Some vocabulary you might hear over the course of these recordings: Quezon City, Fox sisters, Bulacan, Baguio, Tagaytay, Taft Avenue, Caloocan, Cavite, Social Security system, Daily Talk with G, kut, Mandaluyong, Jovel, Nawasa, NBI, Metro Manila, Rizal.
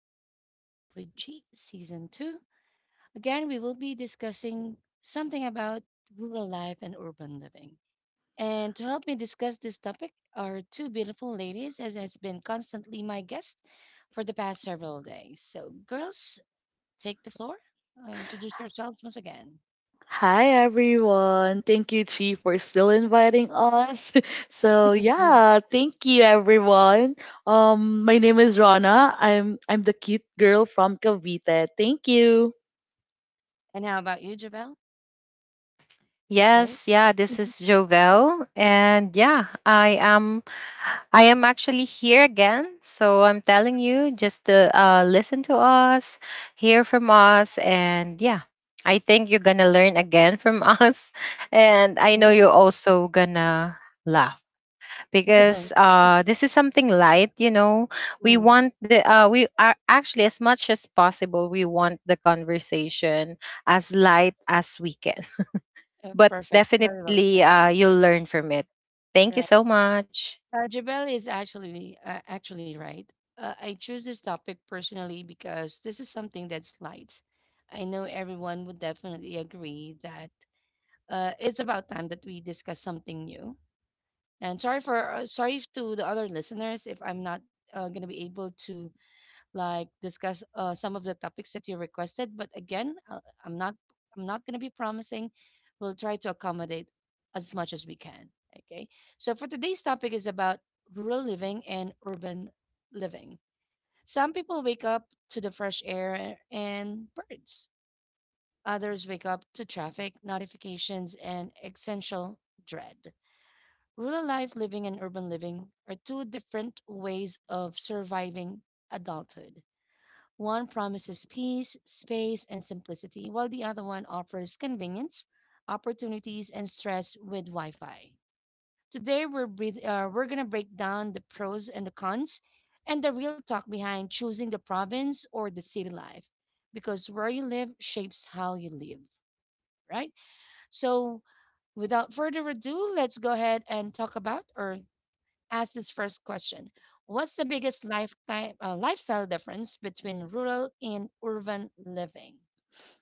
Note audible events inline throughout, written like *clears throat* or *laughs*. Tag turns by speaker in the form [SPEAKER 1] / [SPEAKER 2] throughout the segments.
[SPEAKER 1] welcome to Daily Talk with G Season 2. Again, we will be discussing something about rural life and urban living. And to help me discuss this topic are two beautiful ladies, as has been constantly my guest for the past several days. So, girls, take the floor, introduce yourselves once again.
[SPEAKER 2] Hi everyone. Thank you, Chi, for still inviting us. *laughs* so
[SPEAKER 1] *laughs* And
[SPEAKER 2] yeah, thank you everyone. My name is Rana. I'm the cute girl from Cavite. Thank you.
[SPEAKER 1] how about you, Jabel? Right?
[SPEAKER 3] Yes, yeah, this is Jovel and yeah, I am actually here again. So I'm telling you just to listen to us, hear from us, and yeah, I think you're going to learn again from *laughs* us, and I know
[SPEAKER 1] Yeah.
[SPEAKER 3] you're also going to laugh because
[SPEAKER 1] *laughs*
[SPEAKER 3] this is something light, you know. We
[SPEAKER 1] Mhm.
[SPEAKER 3] want the we are actually, as much as possible, we want the conversation as light as we can, but
[SPEAKER 1] Perfect, very well
[SPEAKER 3] definitely
[SPEAKER 1] said.
[SPEAKER 3] you'll learn from it. Thank you
[SPEAKER 1] Right.
[SPEAKER 3] so much.
[SPEAKER 1] Jabel is actually actually right. I choose this topic personally because this is something that slides. I know everyone would definitely agree that it's about time that we discuss something new. And sorry for sorry to the other listeners if I'm not gonna be able to like discuss some of the topics that you requested. But again, I'm not going to be promising. We'll try to accommodate as much as we can. Okay. So for today's topic is about rural living and urban living. Some people wake up to the fresh air and birds. Others wake up to traffic, notifications, and existential dread. Rural life living and urban living are two different ways of surviving adulthood. One promises peace, space, and simplicity, while the other one offers convenience, opportunities, and stress with Wi Fi. Today, we're going to break down the pros and the cons and the real talk behind choosing the province or the city life because where you live shapes how you live, right? So, without further ado, let's go ahead and talk about or ask this first question. What's the biggest lifetime lifestyle difference between rural and urban living?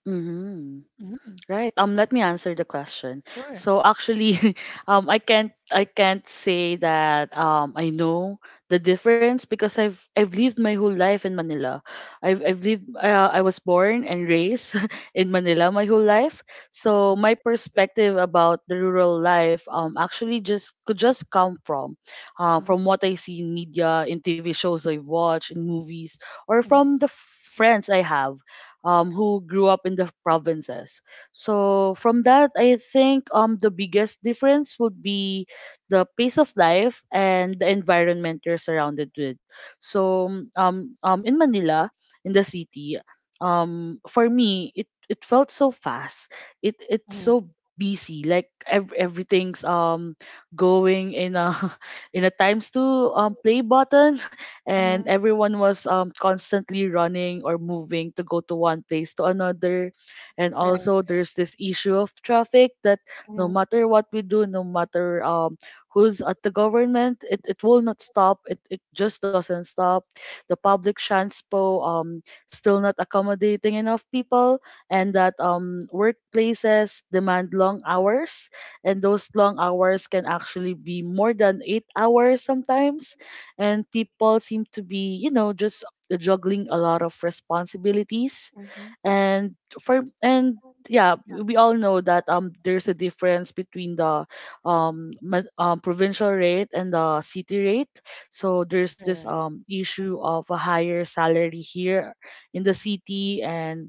[SPEAKER 2] Mm-hmm.
[SPEAKER 1] Mhm.
[SPEAKER 2] Right. Let me answer the question.
[SPEAKER 1] Sure.
[SPEAKER 2] So actually, *laughs* I can't say that I know the difference because I've lived my whole life in Manila. I was born and raised *laughs* in Manila my whole life. So
[SPEAKER 1] mhm,
[SPEAKER 2] my perspective about the rural life actually just could just come from what I see in media, in TV shows I watch, in movies, or
[SPEAKER 1] mhm,
[SPEAKER 2] from the friends I have who grew up in the provinces. So from that, I think the biggest difference would be the pace of life and the environment you're surrounded with. So in Manila, in the city, for me it felt so fast. It's so busy, like everything's going in a *laughs* in a times two play button, *laughs* and everyone was constantly running or moving to go to one place to another. And also, there's this issue of traffic that
[SPEAKER 1] mhm,
[SPEAKER 2] no
[SPEAKER 1] mhm,
[SPEAKER 2] matter what we do, no matter who's at the government, it will not stop. It just doesn't stop. The public transpo still not accommodating enough people, and that workplaces demand long hours, and those long hours can actually be more than 8 hours sometimes, and people seem to be, you know, just juggling a lot of responsibilities.
[SPEAKER 1] mhm.
[SPEAKER 2] And yeah, we all know that there's a difference between the provincial rate and the city rate. So there's this
[SPEAKER 1] Correct.
[SPEAKER 2] issue of a higher salary here in the city. And,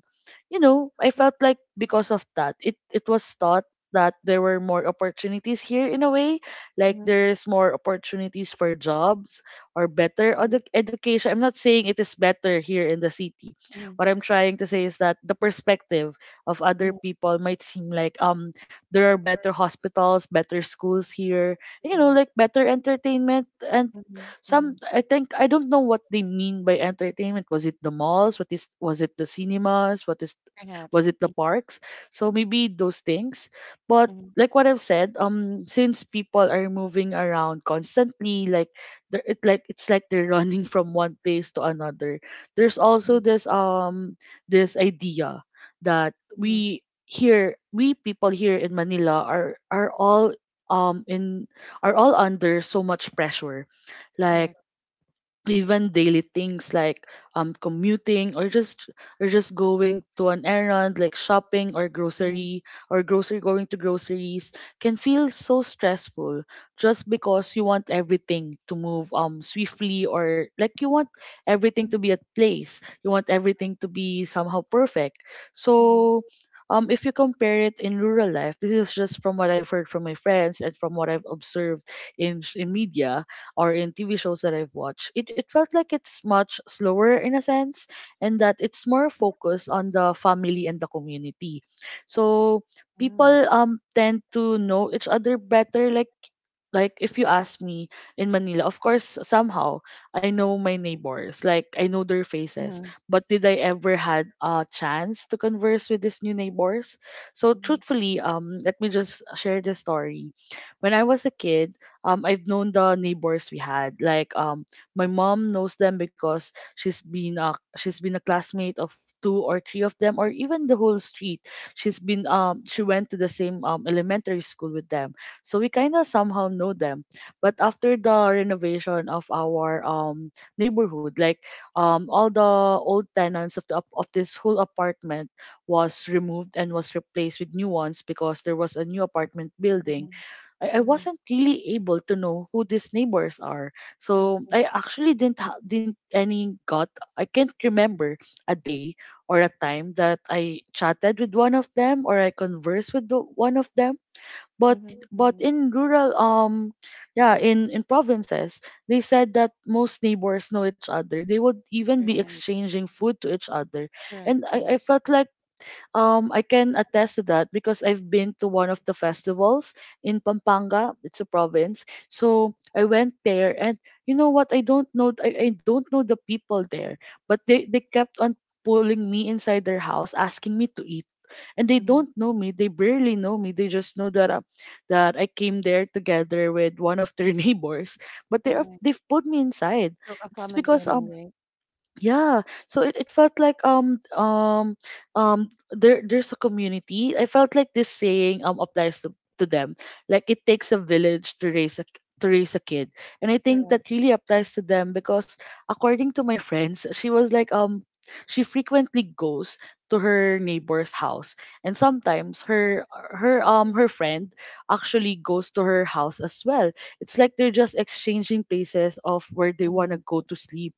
[SPEAKER 2] you know, I felt like because of that, it was thought that there were more opportunities here in a way. Like
[SPEAKER 1] Mhm,
[SPEAKER 2] there's more opportunities for jobs or better
[SPEAKER 1] mhm,
[SPEAKER 2] education. I'm not saying it is better here in the city.
[SPEAKER 1] mhm,
[SPEAKER 2] What I'm trying to say is that the perspective of
[SPEAKER 1] mhm,
[SPEAKER 2] other people might seem like there are better hospitals, better schools here, you know, like better entertainment. And
[SPEAKER 1] mhm,
[SPEAKER 2] some,
[SPEAKER 1] mhm,
[SPEAKER 2] I think, I don't know what they mean by entertainment. Was it the malls? What is Was it the cinemas? What is Was it the parks? So maybe those things. But
[SPEAKER 1] mhm,
[SPEAKER 2] like what I've said, since people are moving around constantly, like it, like it's like they're *laughs* running from one place to another, there's
[SPEAKER 1] mhm,
[SPEAKER 2] also this this idea that
[SPEAKER 1] mhm.
[SPEAKER 2] we people here in Manila are all in are all under so much pressure. Like
[SPEAKER 1] Correct.
[SPEAKER 2] even daily things, like commuting, or just going to an errand, like shopping
[SPEAKER 1] Mhm,
[SPEAKER 2] or grocery going to groceries, can feel so stressful, just because you want everything to move swiftly, or like you want
[SPEAKER 1] mhm,
[SPEAKER 2] everything to be at place, you want everything to be somehow perfect.
[SPEAKER 1] mhm,
[SPEAKER 2] So if you compare it in rural life, this is just from what I've heard from my friends and from what I've observed in media or in TV shows that I've watched, it felt like it's much slower in a sense, and that it's more focused on the family and the community. So
[SPEAKER 1] mhm,
[SPEAKER 2] people tend to know each other better. Like if you ask me, in Manila, of course, somehow I know my neighbors, like I know their faces.
[SPEAKER 1] mhm,
[SPEAKER 2] But did I ever had a chance to converse with these new neighbors? So
[SPEAKER 1] mhm, mhm,
[SPEAKER 2] truthfully, let me just share the story. When I was a kid, I've known the neighbors we had. Like, my mom knows them because she's been a classmate of two or three of them, or even the whole street. She went to the same elementary school with them, so we kind of somehow know them. But after the renovation of our neighborhood, like all the old tenants of the of this whole apartment was removed and was replaced with new ones because there was a new apartment building. I
[SPEAKER 1] mhm.
[SPEAKER 2] wasn't really able to know who these neighbors are. So
[SPEAKER 1] Mhm,
[SPEAKER 2] I actually didn't ha- didn't any got I can't remember a day or a time that I chatted with one of them or I conversed with one of them. but
[SPEAKER 1] mhm,
[SPEAKER 2] but
[SPEAKER 1] mhm.
[SPEAKER 2] in rural, yeah, in provinces, they said that most neighbors know each other. They would even be
[SPEAKER 1] Right.
[SPEAKER 2] exchanging food to each other.
[SPEAKER 1] Correct.
[SPEAKER 2] And
[SPEAKER 1] Correct.
[SPEAKER 2] I felt like I can attest to that because I've been to one of the festivals in Pampanga. It's a province, so I went there, and you know what, I don't know, I don't know the people there, but they kept on pulling me inside their house, asking me to eat. And they don't
[SPEAKER 1] Mhm.
[SPEAKER 2] know me, they barely know me. They just know that that I came there together with one of their *laughs* neighbors. But
[SPEAKER 1] Correct.
[SPEAKER 2] they've put me inside.
[SPEAKER 1] So
[SPEAKER 2] It's because
[SPEAKER 1] accommodating, right?
[SPEAKER 2] yeah, so it felt like there there's a community. I felt like this saying applies to them. Like it takes a village to raise a to raise a kid. And I think
[SPEAKER 1] Correct.
[SPEAKER 2] that really applies to them because, according to my friends, she was like, she frequently goes to her neighbor's house, and sometimes her her friend actually goes to her house as well. It's like they're just exchanging places of where they want
[SPEAKER 1] Huh.
[SPEAKER 2] to go to sleep.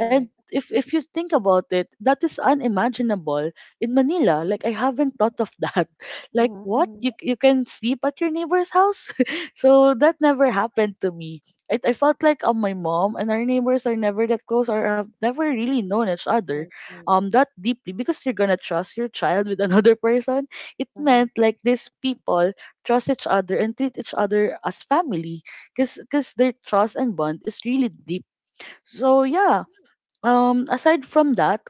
[SPEAKER 2] And if you think about it, that is unimaginable in Manila. Like, I haven't thought of that. *laughs* Like
[SPEAKER 1] Uh
[SPEAKER 2] what?
[SPEAKER 1] huh.
[SPEAKER 2] You can sleep at your neighbor's house? *laughs* So that never happened to me. I felt like, my mom and our neighbors are never that close, or have never really known each other
[SPEAKER 1] Right, right.
[SPEAKER 2] that deeply, because you're gonna trust your child with *laughs* another person. It
[SPEAKER 1] Uh.
[SPEAKER 2] meant like these people trust each other and treat each other as family, because their trust and bond is really deep. So yeah, aside from that,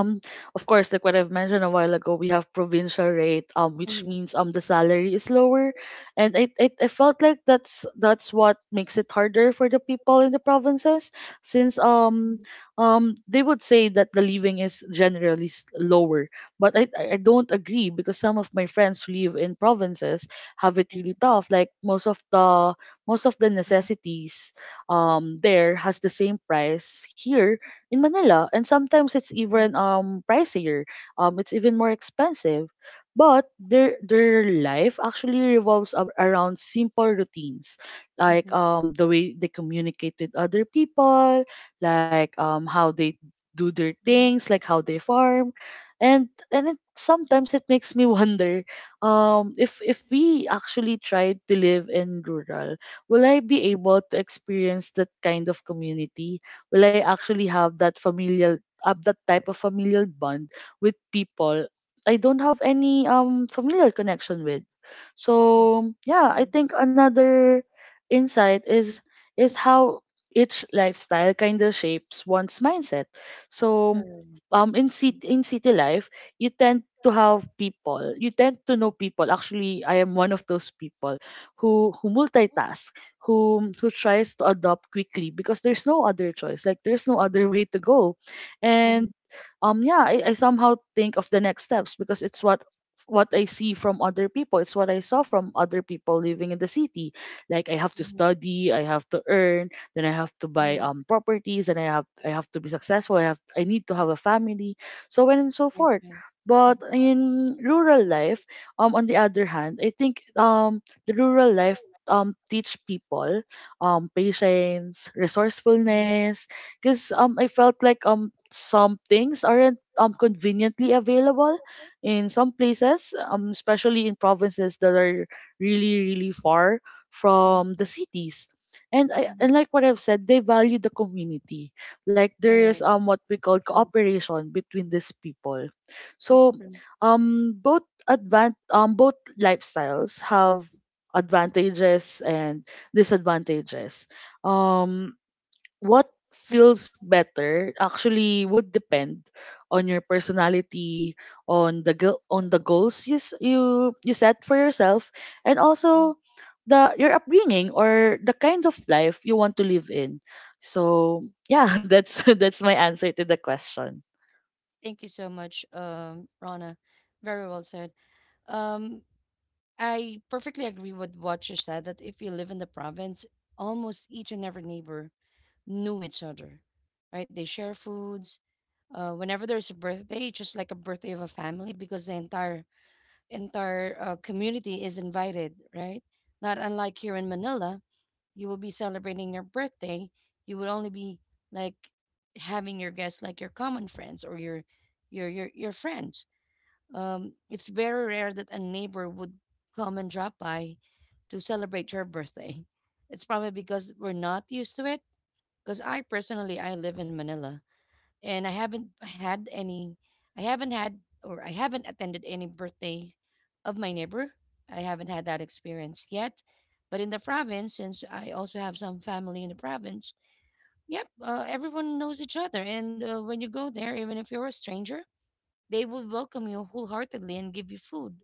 [SPEAKER 2] um of course, like what I've mentioned a while ago, we have provincial rate,
[SPEAKER 1] Uh.
[SPEAKER 2] which
[SPEAKER 1] Uh
[SPEAKER 2] means the salary is lower, and it I felt like that's what makes it harder for the people in the provinces, since they would say that the living is generally lower. But I don't agree, because some of my friends who live in provinces have it really tough. Like most of the necessities there has the same price here in Manila, and sometimes it's even pricier. It's even more expensive, but their life actually revolves around simple routines, like
[SPEAKER 1] huh.
[SPEAKER 2] the way they communicate with other people, like how they do their things, like how they farm. And sometimes it makes me *laughs* wonder, if we actually tried to live in rural, will I be able to experience that kind of community? Will I actually have that familial have that type of familial bond with people I don't have any familial connection with.
[SPEAKER 1] Huh.
[SPEAKER 2] So yeah,
[SPEAKER 1] Huh.
[SPEAKER 2] I think another insight is how each lifestyle kind of shapes one's mindset. So
[SPEAKER 1] Mhm,
[SPEAKER 2] in city, in city life, you tend to have people, you tend to know people. Actually, I am one of those people who multitask, who tries to adopt quickly because there's no other choice, like there's no other way to go.
[SPEAKER 1] mhm,
[SPEAKER 2] And yeah, I somehow think of the next steps, because it's what I see from other people, it's what I saw from other people living in the city. Like I have to
[SPEAKER 1] mhm,
[SPEAKER 2] study, I have to earn, then I have to
[SPEAKER 1] mhm, mhm,
[SPEAKER 2] buy
[SPEAKER 1] mhm, mhm.
[SPEAKER 2] properties, and I have to be successful, I need to have a family, so on and so
[SPEAKER 1] Yes,
[SPEAKER 2] forth.
[SPEAKER 1] huh.
[SPEAKER 2] But
[SPEAKER 1] Correct.
[SPEAKER 2] in rural life, on the other hand, I think the rural life teach people patience,
[SPEAKER 1] Uh. Uh huh.
[SPEAKER 2] resourcefulness, because I felt like some things aren't conveniently available in some places, especially in provinces that are really really far
[SPEAKER 1] Huh.
[SPEAKER 2] from the cities. And
[SPEAKER 1] Uh
[SPEAKER 2] I
[SPEAKER 1] huh.
[SPEAKER 2] and like what I've said, they value the community. Like
[SPEAKER 1] Right, right. Uh huh. Uh huh.
[SPEAKER 2] there is
[SPEAKER 1] Correct.
[SPEAKER 2] what we call
[SPEAKER 1] True.
[SPEAKER 2] cooperation between these people.
[SPEAKER 1] That's
[SPEAKER 2] So
[SPEAKER 1] true.
[SPEAKER 2] both lifestyles have advantages and disadvantages. Um, what feels better actually would depend on your personality, on the on the goals you you set for yourself, and also the your upbringing, or the kind of life you want to live in. So yeah, *laughs* that's my answer to the question.
[SPEAKER 1] Thank you so much, Rana. Very well said. Um, I perfectly agree with what you said that if you live in the province, almost each and every neighbor knew each other, right? They share foods, whenever there's a birthday, just like a birthday of a family, because the entire community is invited, right? Not unlike here in Manila, you will be celebrating your birthday. You would only be like having your guests like your common friends or your friends. It's very rare that a neighbor would come and drop by to celebrate your birthday. It's probably because we're not used to it. Because I personally, I live in Manila and I haven't had I haven't attended any birthday of my neighbor. I haven't had that experience yet. But in the province, since I also have some family in the province, yep, everyone knows each other. And when you go there, even if you're a stranger, they will welcome you wholeheartedly and give you food.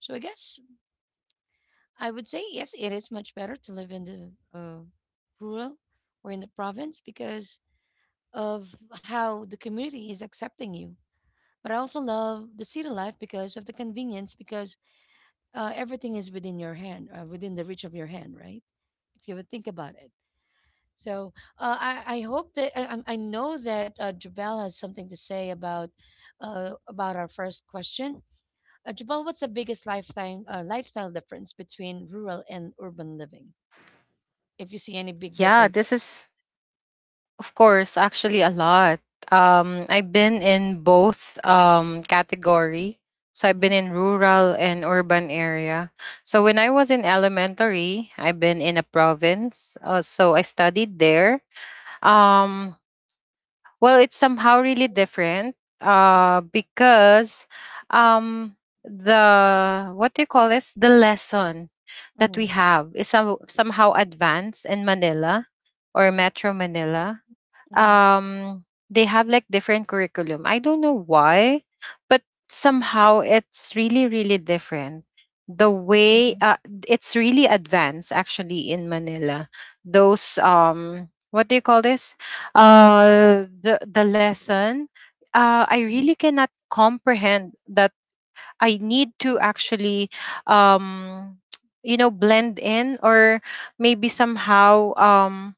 [SPEAKER 1] So I guess I would say, yes, it is much better to live in the rural or in the province because of how the community is accepting you. But I also love the city life because of the convenience, because everything is within your hand, within the reach of your hand, right? If you would think about it. So I hope that I, I'm- I know that Jabal has something to say about our first question. Jabal, what's the biggest lifetime lifestyle difference between rural and urban living? If you see any big
[SPEAKER 3] Yeah,
[SPEAKER 1] difference.
[SPEAKER 3] this is, of course, actually a lot. I've been in both category. So I've
[SPEAKER 1] Mm-hmm,
[SPEAKER 3] been in rural and urban area. So when I
[SPEAKER 1] mm-hmm,
[SPEAKER 3] was in elementary, I've been in a province. So I studied there. Um, Well, it's somehow really different because um, the, what do you call this? The lesson that
[SPEAKER 1] mm-hmm,
[SPEAKER 3] we have is somehow advanced in Manila or Metro Manila. um they have like different curriculum, I don't know why, but somehow it's really really different. The way it's really advanced actually in Manila, those, what do you call this, the, lesson, I
[SPEAKER 1] mm-hmm,
[SPEAKER 3] really cannot comprehend that. I need to actually, um *tsk* you know, blend in, or maybe somehow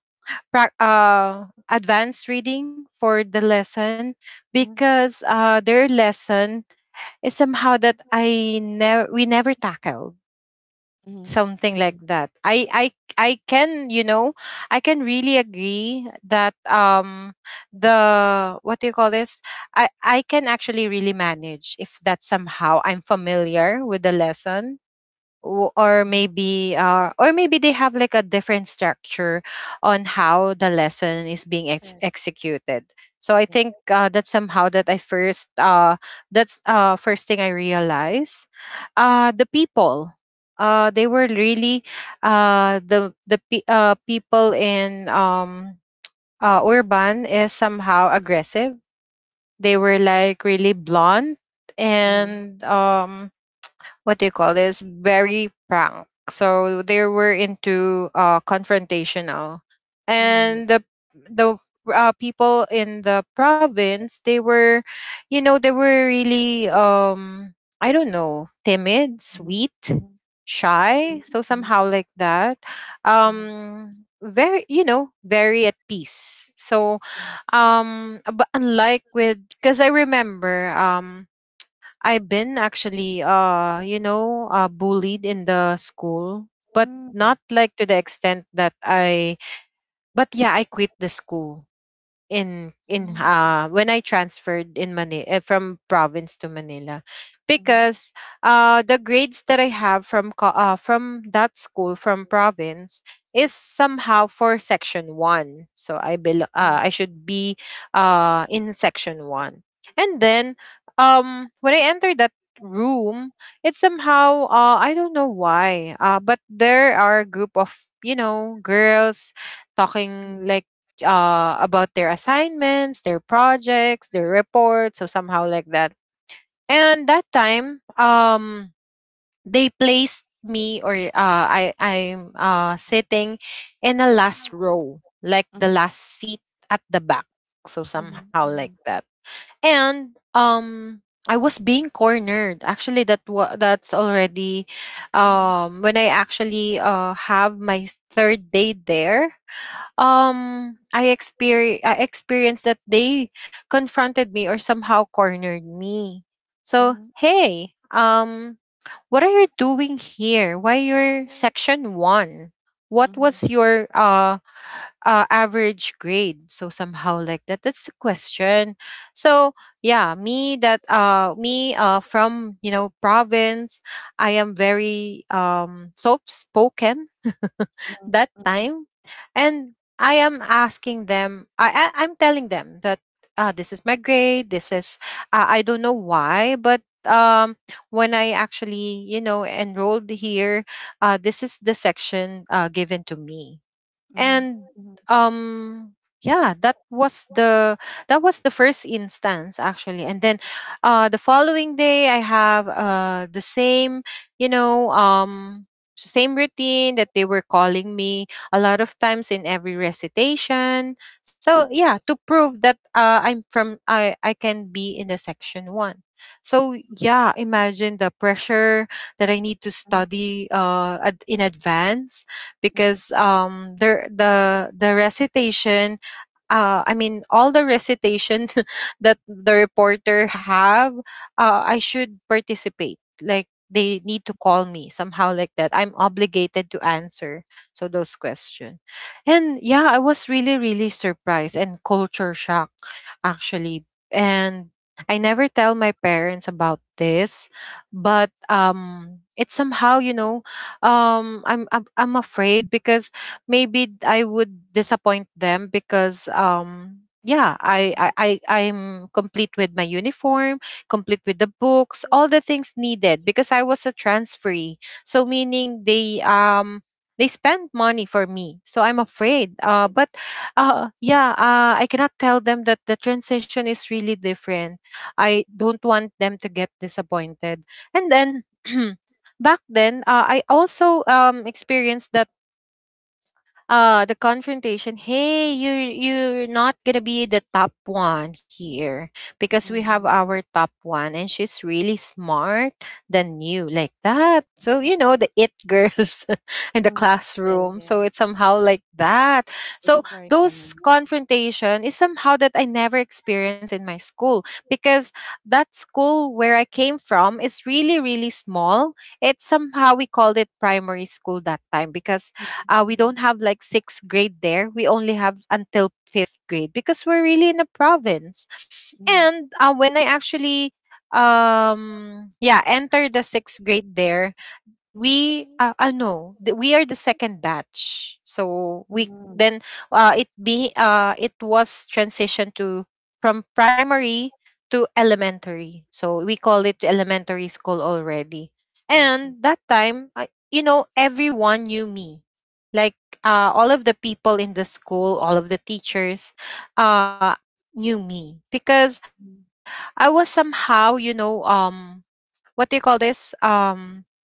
[SPEAKER 3] advanced reading for the lesson,
[SPEAKER 1] mm-hmm,
[SPEAKER 3] because their lesson is somehow that I never we never tackled
[SPEAKER 1] mm-hmm,
[SPEAKER 3] something
[SPEAKER 1] mm-hmm,
[SPEAKER 3] like that. I can, you know, I can really agree that the, what do you call this, I can actually really manage if that somehow I'm familiar with the lesson, or maybe or maybe they have like a different structure on how the lesson is being executed. So I think, that's somehow that I first that's first thing I realized. The people, they were really, people in, urban is somehow aggressive. They were like really blunt,
[SPEAKER 1] mm-hmm,
[SPEAKER 3] and what do you call this, very prank, so they were into confrontational. And the people in the province, they were, you know, they were really, I don't know, timid, sweet,
[SPEAKER 1] mm-hmm. Mhm,
[SPEAKER 3] shy, so
[SPEAKER 1] mhm,
[SPEAKER 3] somehow like that.
[SPEAKER 1] lahat.
[SPEAKER 3] Very, you know, very at peace. So
[SPEAKER 1] Mm.
[SPEAKER 3] but unlike with, because I remember, I've been actually, you know, bullied in the school, but
[SPEAKER 1] Hmm,
[SPEAKER 3] not like to the extent that but yeah, I quit the school. In
[SPEAKER 1] mm,
[SPEAKER 3] when I transferred in Manila, from province to Manila,
[SPEAKER 1] mhm,
[SPEAKER 3] because the grades that I have from from that school, from province, is somehow for section 1, so I
[SPEAKER 1] uh-huh,
[SPEAKER 3] I should be in section 1. And then, when I entered that room, it's somehow, I don't know why, but there are a group of, you know, girls talking like, about their assignments, their projects, their reports, so somehow like that. And that time, they placed me, or I I'm sitting in the last row, like the
[SPEAKER 1] mhm,
[SPEAKER 3] last seat at the back, so somehow
[SPEAKER 1] mhm,
[SPEAKER 3] like that. And I was being cornered. Actually, that's already,
[SPEAKER 1] mhm,
[SPEAKER 3] when I actually have my third day there, I experienced that they confronted me or somehow cornered me. So,
[SPEAKER 1] mhm,
[SPEAKER 3] hey, what are you doing here? Why you're section 1? What
[SPEAKER 1] mhm,
[SPEAKER 3] was your average grade, so somehow like that, that's the question. So yeah, me that me from, you know, province, I am very, soft spoken *laughs*
[SPEAKER 1] mhm,
[SPEAKER 3] that time. And I am asking them, I'm telling them that, this is my grade, this is, I don't know why, but when I actually, you know, enrolled here, this is the section given to me.
[SPEAKER 1] mhm, mhm, mhm,
[SPEAKER 3] And um yeah, that was the first instance. Actually, and then the following day, I have the same, you know, same routine that they were calling me a lot of times in every recitation. So yeah, to prove that, I can be in the section 1. So yeah, imagine the pressure that I need to
[SPEAKER 1] mhm,
[SPEAKER 3] study in advance,
[SPEAKER 1] mhm,
[SPEAKER 3] because the, recitation, I mean, all the recitation *laughs* that the reporter have, I should participate. Like, they need to call me somehow like that. I'm obligated to answer so those questions. And yeah, I was really really surprised and culture shock, actually. And I never tell my parents about this, but it's somehow, you know, I'm afraid because maybe I would disappoint them, because yeah, I'm complete with my uniform, complete with the books, all the things needed because I was a transferee. So meaning, they spend money for me. So I'm afraid. But yeah, I cannot tell them that the transition is really different. I don't want them to get disappointed. And then *clears throat* back then, I also experienced that, the confrontation, hey, you're not gonna be the top one here, because
[SPEAKER 1] mhm,
[SPEAKER 3] we have
[SPEAKER 1] mhm,
[SPEAKER 3] our top one and she's really smart than you, like that. So, you know, the it girls *laughs* in the
[SPEAKER 1] mhm. Yeah, yeah,
[SPEAKER 3] classroom,
[SPEAKER 1] yeah.
[SPEAKER 3] so it's somehow like that.
[SPEAKER 1] It's
[SPEAKER 3] So
[SPEAKER 1] very
[SPEAKER 3] those
[SPEAKER 1] common.
[SPEAKER 3] confrontation is somehow that I never experienced in my school, because that school where I came from is really really small. It's somehow we called it primary school that time, because we
[SPEAKER 1] Mhm,
[SPEAKER 3] don't have like sixth grade there. We only have until fifth grade, because we're really in a province.
[SPEAKER 1] mhm,
[SPEAKER 3] And when I actually, yeah, enter the sixth grade there, we no th- we are the second batch. So we
[SPEAKER 1] mhm.
[SPEAKER 3] then it be it was transitioned to from primary to elementary, so we call it elementary school already.
[SPEAKER 1] Very good.
[SPEAKER 3] And that time, I, you know, everyone knew me, like, all of the people in the school, all of the teachers uh knew me because
[SPEAKER 1] Mhm,
[SPEAKER 3] I was somehow, you know, what do you call this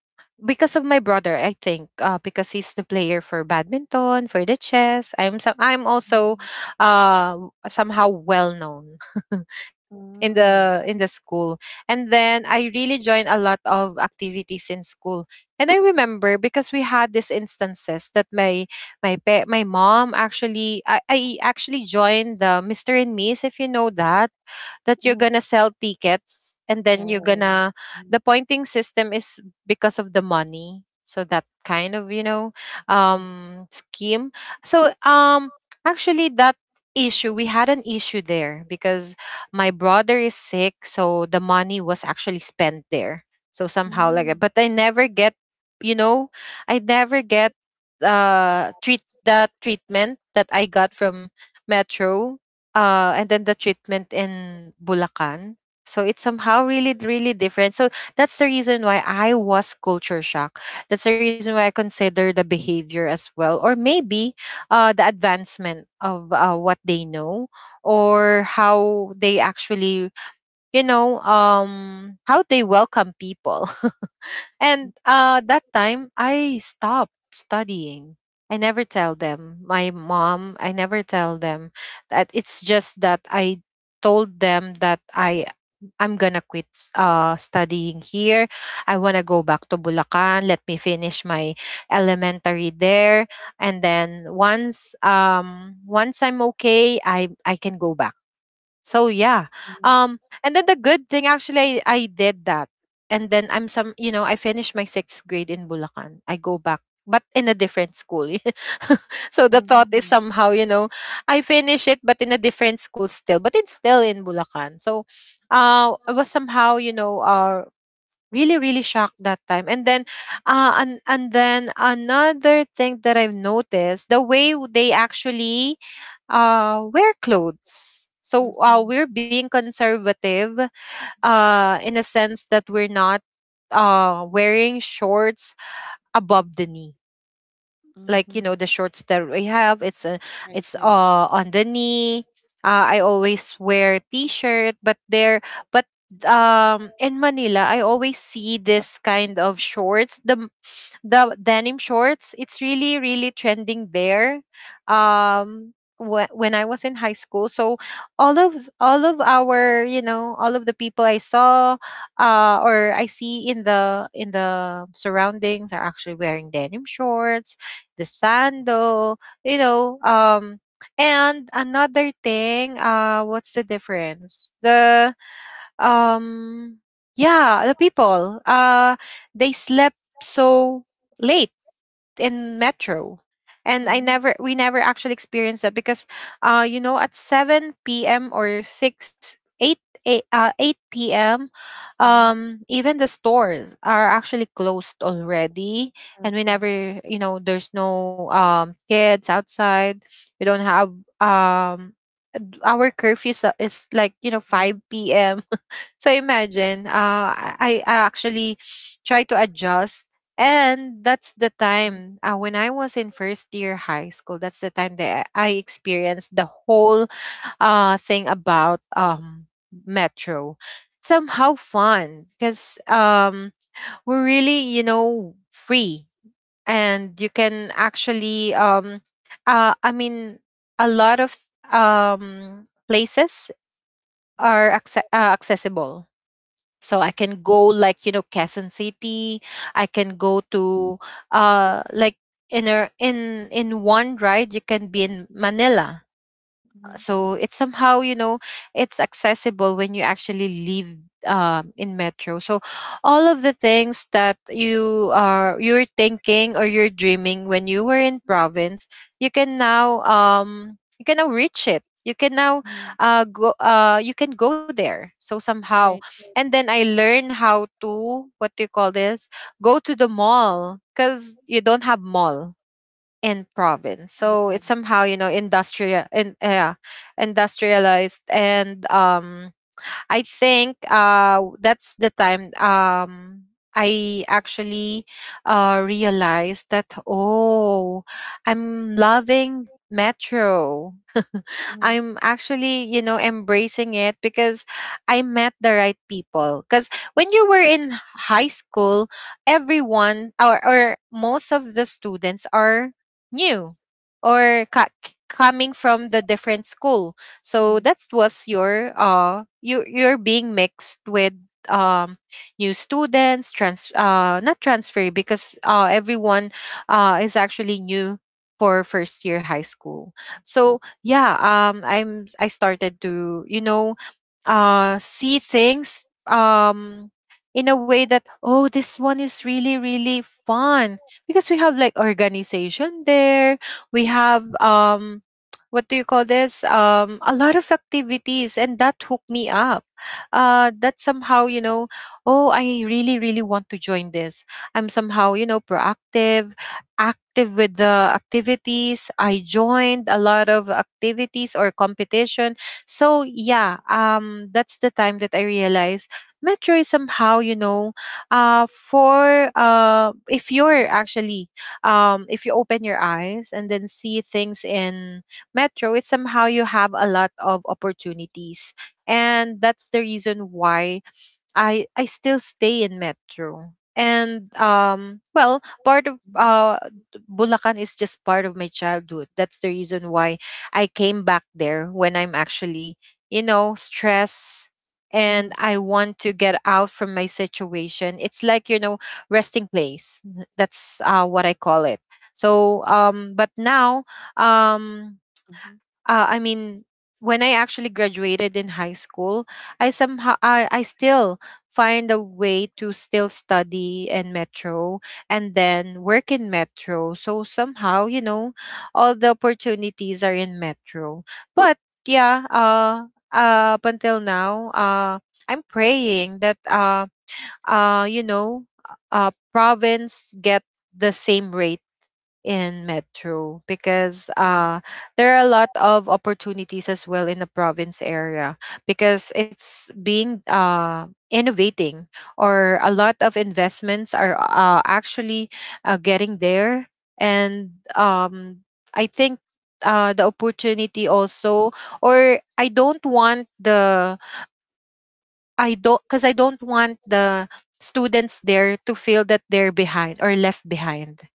[SPEAKER 3] because of my brother, I think, because he's the player for badminton, for the chess. I'm also,
[SPEAKER 1] mhm,
[SPEAKER 3] uh, somehow well known *laughs* in the
[SPEAKER 1] mhm,
[SPEAKER 3] school. And then I really joined a lot of activities in school. And I remember because we had these instances that my mom, actually, I actually joined the Mister and Miss, if you know that, that you're
[SPEAKER 1] mhm.
[SPEAKER 3] gonna sell tickets and then
[SPEAKER 1] Yeah,
[SPEAKER 3] you're
[SPEAKER 1] yeah, yeah, yeah.
[SPEAKER 3] gonna, the pointing system is because of the money. So that kind of, you know,
[SPEAKER 1] Mhm,
[SPEAKER 3] scheme. So actually, that issue, we had an issue there because my brother is sick, so the money was actually spent there, so somehow like that.
[SPEAKER 1] mhm,
[SPEAKER 3] But I never get, you know, I never get treat the treatment that I got
[SPEAKER 1] mhm,
[SPEAKER 3] from Metro, and then the treatment in Bulacan, so it's somehow really really different. So that's the reason why I was culture shock. That's the reason why I consider the behavior as well, or maybe the advancement of what they know, or how they actually, you know, how they welcome people. And that time, I stopped studying. I never tell them that, it's just that I told them that I'm gonna quit studying here. I wanna go back to Bulacan. Let me finish my elementary there, and then once, once I'm okay, I can go back. So yeah.
[SPEAKER 1] mhm,
[SPEAKER 3] And then the good thing, actually, I did that. And then I'm some, you know, I finished my sixth grade in Bulacan. I go back but in a different school. *laughs* So the thought is
[SPEAKER 1] mhm,
[SPEAKER 3] somehow, you know, I finish it but in a different school still. But it's still in Bulacan. So I was somehow, you know, really really shocked that time. And then and then another thing that I've noticed, the way they actually wear clothes. So
[SPEAKER 1] mhm,
[SPEAKER 3] we're being conservative, in a sense that we're not wearing shorts above the knee.
[SPEAKER 1] mhm,
[SPEAKER 3] Like, you
[SPEAKER 1] mhm.
[SPEAKER 3] know, the shorts that we have, it's
[SPEAKER 1] Right, right.
[SPEAKER 3] on the knee. I always wear t-shirt, but there, but in Manila, I always see this kind of shorts. The denim shorts it's really really trending there um when I was in high school. So all of our all of the people I saw or I see in the surroundings are actually wearing denim shorts, the sandal, you know um and another thing, what's the difference? Um yeah the people, they slept so late in metro, and I
[SPEAKER 1] Mhm,
[SPEAKER 3] never we never actually experienced that because you know, at 7 p.m. or 6 8 8, 8 p.m.
[SPEAKER 1] mhm.
[SPEAKER 3] Even the stores are actually closed already. And we
[SPEAKER 1] Okay.
[SPEAKER 3] never, you know, there's no kids outside. We don't have, um our curfew is like, you know, 5 p.m. So imagine, I actually try to adjust. And that's the time, when I was in first year high school, that's the time that I experienced the whole thing about, Metro. Somehow fun because, we're really, you know, free, and you can actually, I mean, a lot of, places are accessible. So I can go like, you know, Quezon City. I can go to, uh like in a in one ride, you can be in Manila.
[SPEAKER 1] Mm-hmm.
[SPEAKER 3] So it's somehow, you know, it's accessible when you actually live, in metro. So all of the things that you are you're thinking or you're dreaming when you were in province, you can now, you can now reach it, you can now, go you can go there, so
[SPEAKER 1] Right,
[SPEAKER 3] somehow. And then I learn how to, what do you call this, go to the mall because you don't have mall and province.
[SPEAKER 1] in the
[SPEAKER 3] So it's
[SPEAKER 1] province.
[SPEAKER 3] somehow, you know, industrial in, yeah, industrialized. And I think, that's the time, I actually, realized that, oh, I'm loving metro.
[SPEAKER 1] Mhm,
[SPEAKER 3] I'm actually, you know, embracing it because I met the right people. Because when you were in high school, everyone, or most of the students are new or coming from the different school. So
[SPEAKER 1] mhm,
[SPEAKER 3] that was your, you're being mixed with, um new students, trans not transfer because, everyone, is actually new for first year high school. So yeah, I started to, you know, see things, in a way that, oh, this one is really really fun because we have like organization there. We have, *tsk* what do you call this, a lot of activities, and that hooked me up, that somehow, you know, oh, I really really want to join this. I'm somehow, you know, proactive, active with the activities. I joined a lot of activities or competition. So yeah, that's the time that I realized Metro is somehow, you know, for if you're actually, if you open your eyes and then see things in Metro, it's somehow you have a lot of opportunities. And that's the reason why I still stay in Metro. And well, part of,
[SPEAKER 1] mhm,
[SPEAKER 3] Bulacan is just part of my childhood. That's the reason why I came back there when I'm actually, you know, stressed, and
[SPEAKER 1] mhm,
[SPEAKER 3] I want to get out from my situation. It's like, you know, resting place. That's, what I call it. So but now um
[SPEAKER 1] mhm.
[SPEAKER 3] I mean, when I actually graduated in high school, I somehow I still find a way to still study in metro and then work in metro. So somehow, you know, all the opportunities are in metro. But yeah, up until now, I'm praying that, you know, province get the same rate in metro because,
[SPEAKER 1] Mhm.
[SPEAKER 3] there are a lot of opportunities as well in the province area, because it's being, innovating, or a lot of investments are, actually, getting there. And I think, the opportunity also, or I don't want the students there to feel that they're behind or left behind,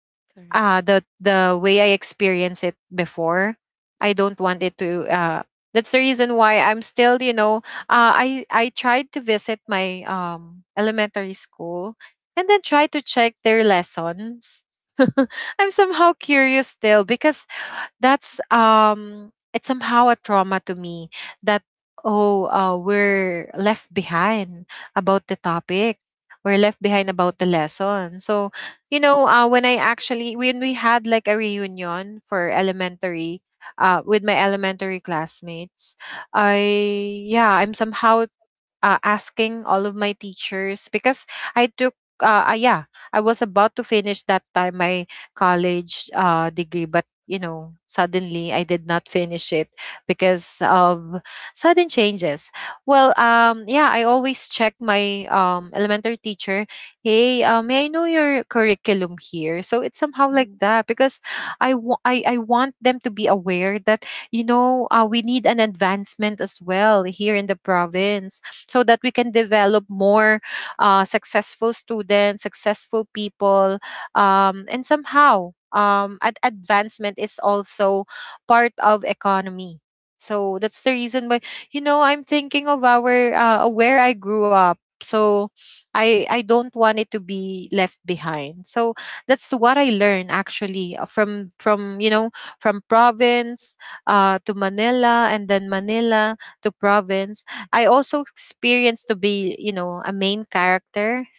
[SPEAKER 3] uh the
[SPEAKER 1] Correct.
[SPEAKER 3] the way I experienced it before. I don't
[SPEAKER 1] Mhm,
[SPEAKER 3] want it to, that's the reason why I'm still, you know, I tried to visit my, elementary school, and then try to check their lessons. *laughs* I'm somehow curious still because that's, it's somehow a trauma to me that, oh, we're left behind about the topic, we're left behind about the lesson. So you know, when I actually when we had like a reunion for elementary, with my elementary classmates, i yeah I'm somehow, asking all of my teachers because I took, yeah, I was about to finish that time my college, degree, but you know, suddenly I did not finish it because of sudden changes. Well, yeah, I always check my, elementary teacher. Hey, may I know your curriculum here? So it's somehow like
[SPEAKER 1] mhm,
[SPEAKER 3] that because I wa- I want them to be aware that you know, we need an advancement as well here in the province, so that we can develop more, successful students, successful people, and somehow advancement is also part of economy. So that's the reason why, you know, I'm thinking of our, where I grew up. So I don't want it to be left behind. So that's what I learned actually, from you know, from province, to Manila, and then Manila to province. I also experienced to be, you know, a main character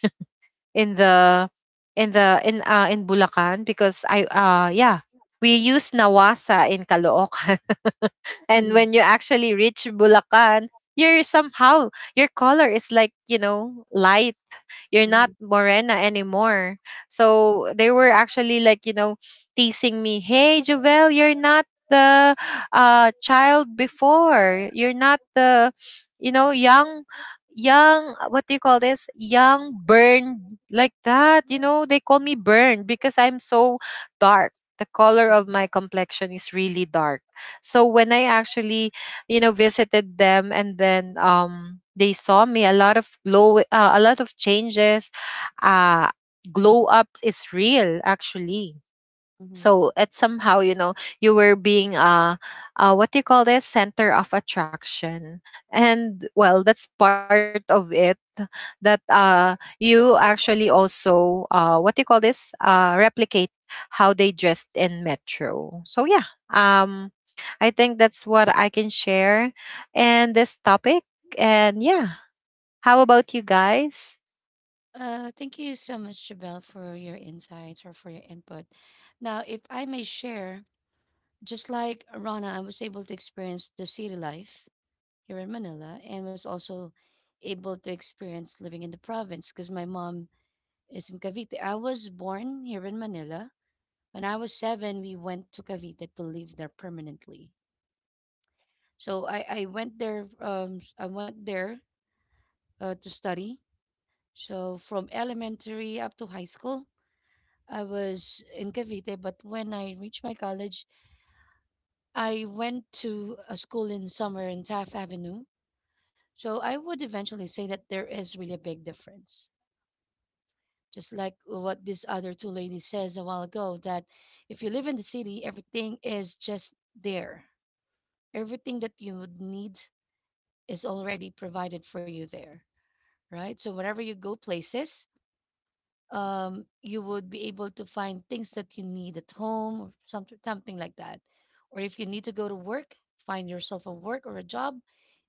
[SPEAKER 3] in the in Bulacan because I, yeah, we use Nawasa in Caloocan. *laughs* And
[SPEAKER 1] mhm,
[SPEAKER 3] when you actually reach Bulacan, you're somehow, your color is like, you know, light, you're not
[SPEAKER 1] mhm,
[SPEAKER 3] morena anymore. So they were actually like, you know, teasing me, hey Jovel, you're not the, child before, you're not the, you know, young, young, what do you call this, young burned like that. You know, they call me burned because I'm so dark, the color of my complexion is really dark. So when I actually, you know, visited them, and then, they saw me a lot of glow, a lot of changes, uh glow up is real actually.
[SPEAKER 1] mhm.
[SPEAKER 3] So it's somehow, you know, you were being, what do you call this, center of attraction. And well, that's part of it, that, you actually also, what do you call this, replicate how they dressed in metro. So yeah, I think that's what I can share and this topic. And yeah, how about you guys?
[SPEAKER 1] Thank you so much, Jabel, for your insights or for your input. Now, if I may share, just like Rana, I was able to experience the city life here in Manila and was also able to experience living in the province because my mom is in Cavite. I was born here in Manila. When I was seven, we went to Cavite to live there permanently. So I went there to study. So from elementary up to high school, I was in Cavite. But when I reached my college, I went to a school in summer in Taft Avenue. So I would eventually say that there is really a big difference. Just like what this other two ladies says a while ago, that if you live in the city, everything is just there. Everything that you would need is already provided for you there, right? So whenever you go places, you would be able to find things that you need at home or something, something like that. Or if you need to go to work, find yourself a work or a job,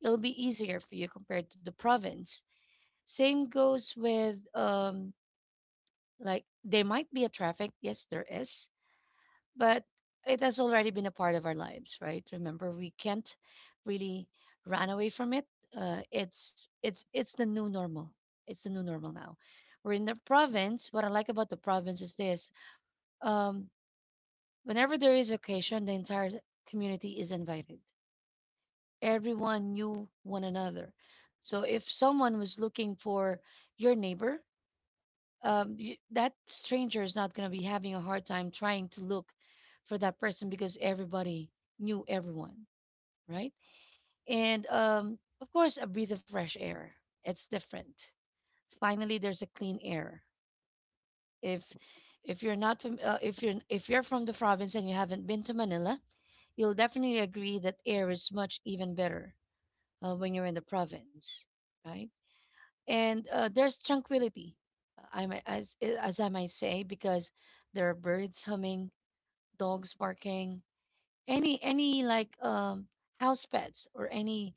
[SPEAKER 1] it'll be easier for you compared to the province. Same goes with like there might be a traffic. Yes, there is, but it has already been a part of our lives, right? Remember, we can't really run away from it. It's the new normal. It's the new normal now. We're in the province. What I like about the province is this: um, whenever there is occasion, the entire community is invited. Everyone knew one another. So if someone was looking for your neighbor, that stranger is not going to be having a hard time trying to look for that person because everybody knew everyone, right? And of course, a breath of fresh air. It's different. Finally, there's a clean air. if if you're not from if you're from the province and you haven't been to Manila, you'll definitely agree that air is much even better when you're in the province, right? And there's tranquility, I might as I- as I might say, because there are birds humming, dogs barking, any like house pets or any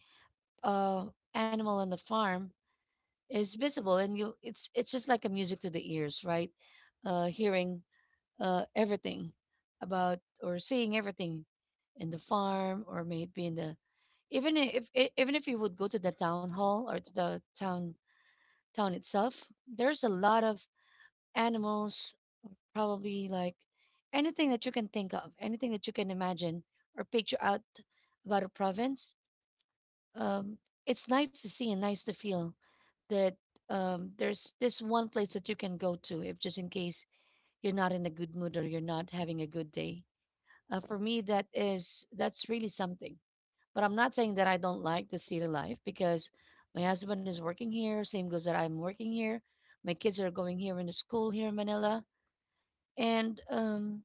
[SPEAKER 1] uh animal on the farm is visible. And you it's just like a music to the ears, right? Hearing everything about or seeing everything in the farm, or maybe in the even if you would go to the town hall or to the town itself, there's a lot of animals, probably like anything that you can think of, anything that you can imagine or picture out about a province. Um, it's nice to see and nice to feel that there's this one place that you can go to if just in case you're not in a good mood or you're not having a good day. For me, that is that's really something. But I'm not saying that I don't like the city life because my husband is working here. Same goes that I'm working here. My kids are going here in the school here in Manila, and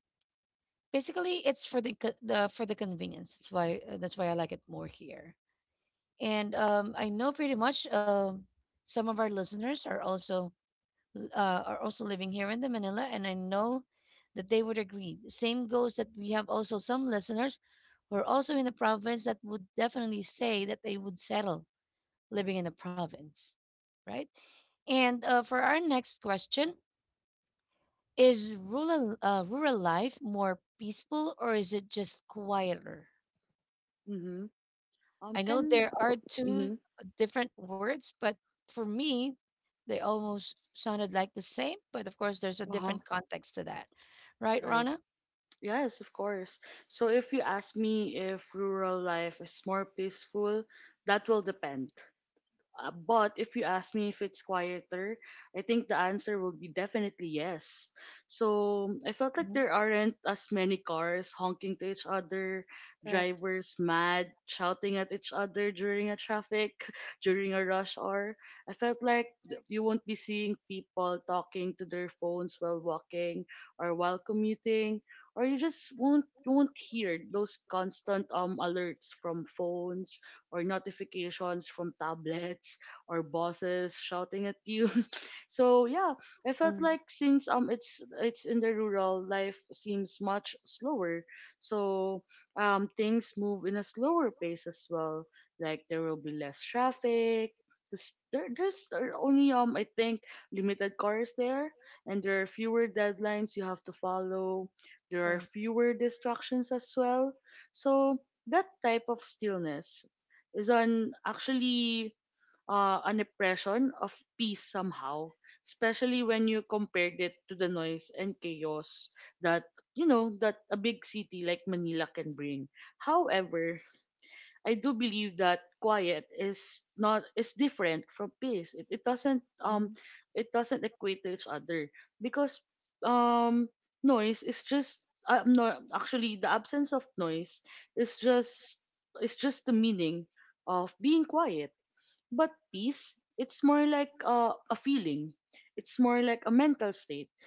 [SPEAKER 1] basically it's for the, for the convenience. That's why that's why I like it more here. And I know pretty much some of our listeners are also living here in the Manila, and I know that they would agree. Same goes that we have also some listeners who are also in the province that would definitely say that they would settle living in the province, right? And for our next question: is rural life more peaceful or is it just quieter?
[SPEAKER 2] Mm-hmm.
[SPEAKER 1] I know there
[SPEAKER 2] Can.
[SPEAKER 1] are two
[SPEAKER 2] Mm-hmm.
[SPEAKER 1] different words, but for me, they almost sounded like the same. But of course, there's a
[SPEAKER 2] Uh
[SPEAKER 1] different
[SPEAKER 2] huh.
[SPEAKER 1] context to that, right,
[SPEAKER 2] Right.
[SPEAKER 1] Rana?
[SPEAKER 2] Yes, of course. So if you ask me if rural life is more peaceful, that will depend. But if you ask me if it's quieter, I think the answer will be definitely yes. So I felt like
[SPEAKER 1] Mhm.
[SPEAKER 2] there aren't as many cars honking to each other, drivers mad, shouting at each other during a traffic, *laughs* during a rush hour. I felt like you won't be seeing people talking to their phones while walking or while commuting, or you just won't hear those constant alerts from phones or notifications from tablets or bosses shouting at you. *laughs* So yeah, I felt like since it's in the rural life seems much slower. So things move in a slower pace as well. Like there will be less traffic. 'Cause there are only I think limited cars there, and there are fewer deadlines you have to follow. There
[SPEAKER 1] Correct.
[SPEAKER 2] are fewer distractions as well. So that type of stillness is on actually an impression of peace somehow, especially when you compared it to the noise and chaos that that a big city like Manila can bring. However, I do believe that quiet is not is different from peace. It doesn't
[SPEAKER 1] Mm-hmm.
[SPEAKER 2] it doesn't equate to each other because um noise is just no, actually the absence of noise is just is just the meaning of being quiet, but peace, it's more like a feeling. It's more like a mental state.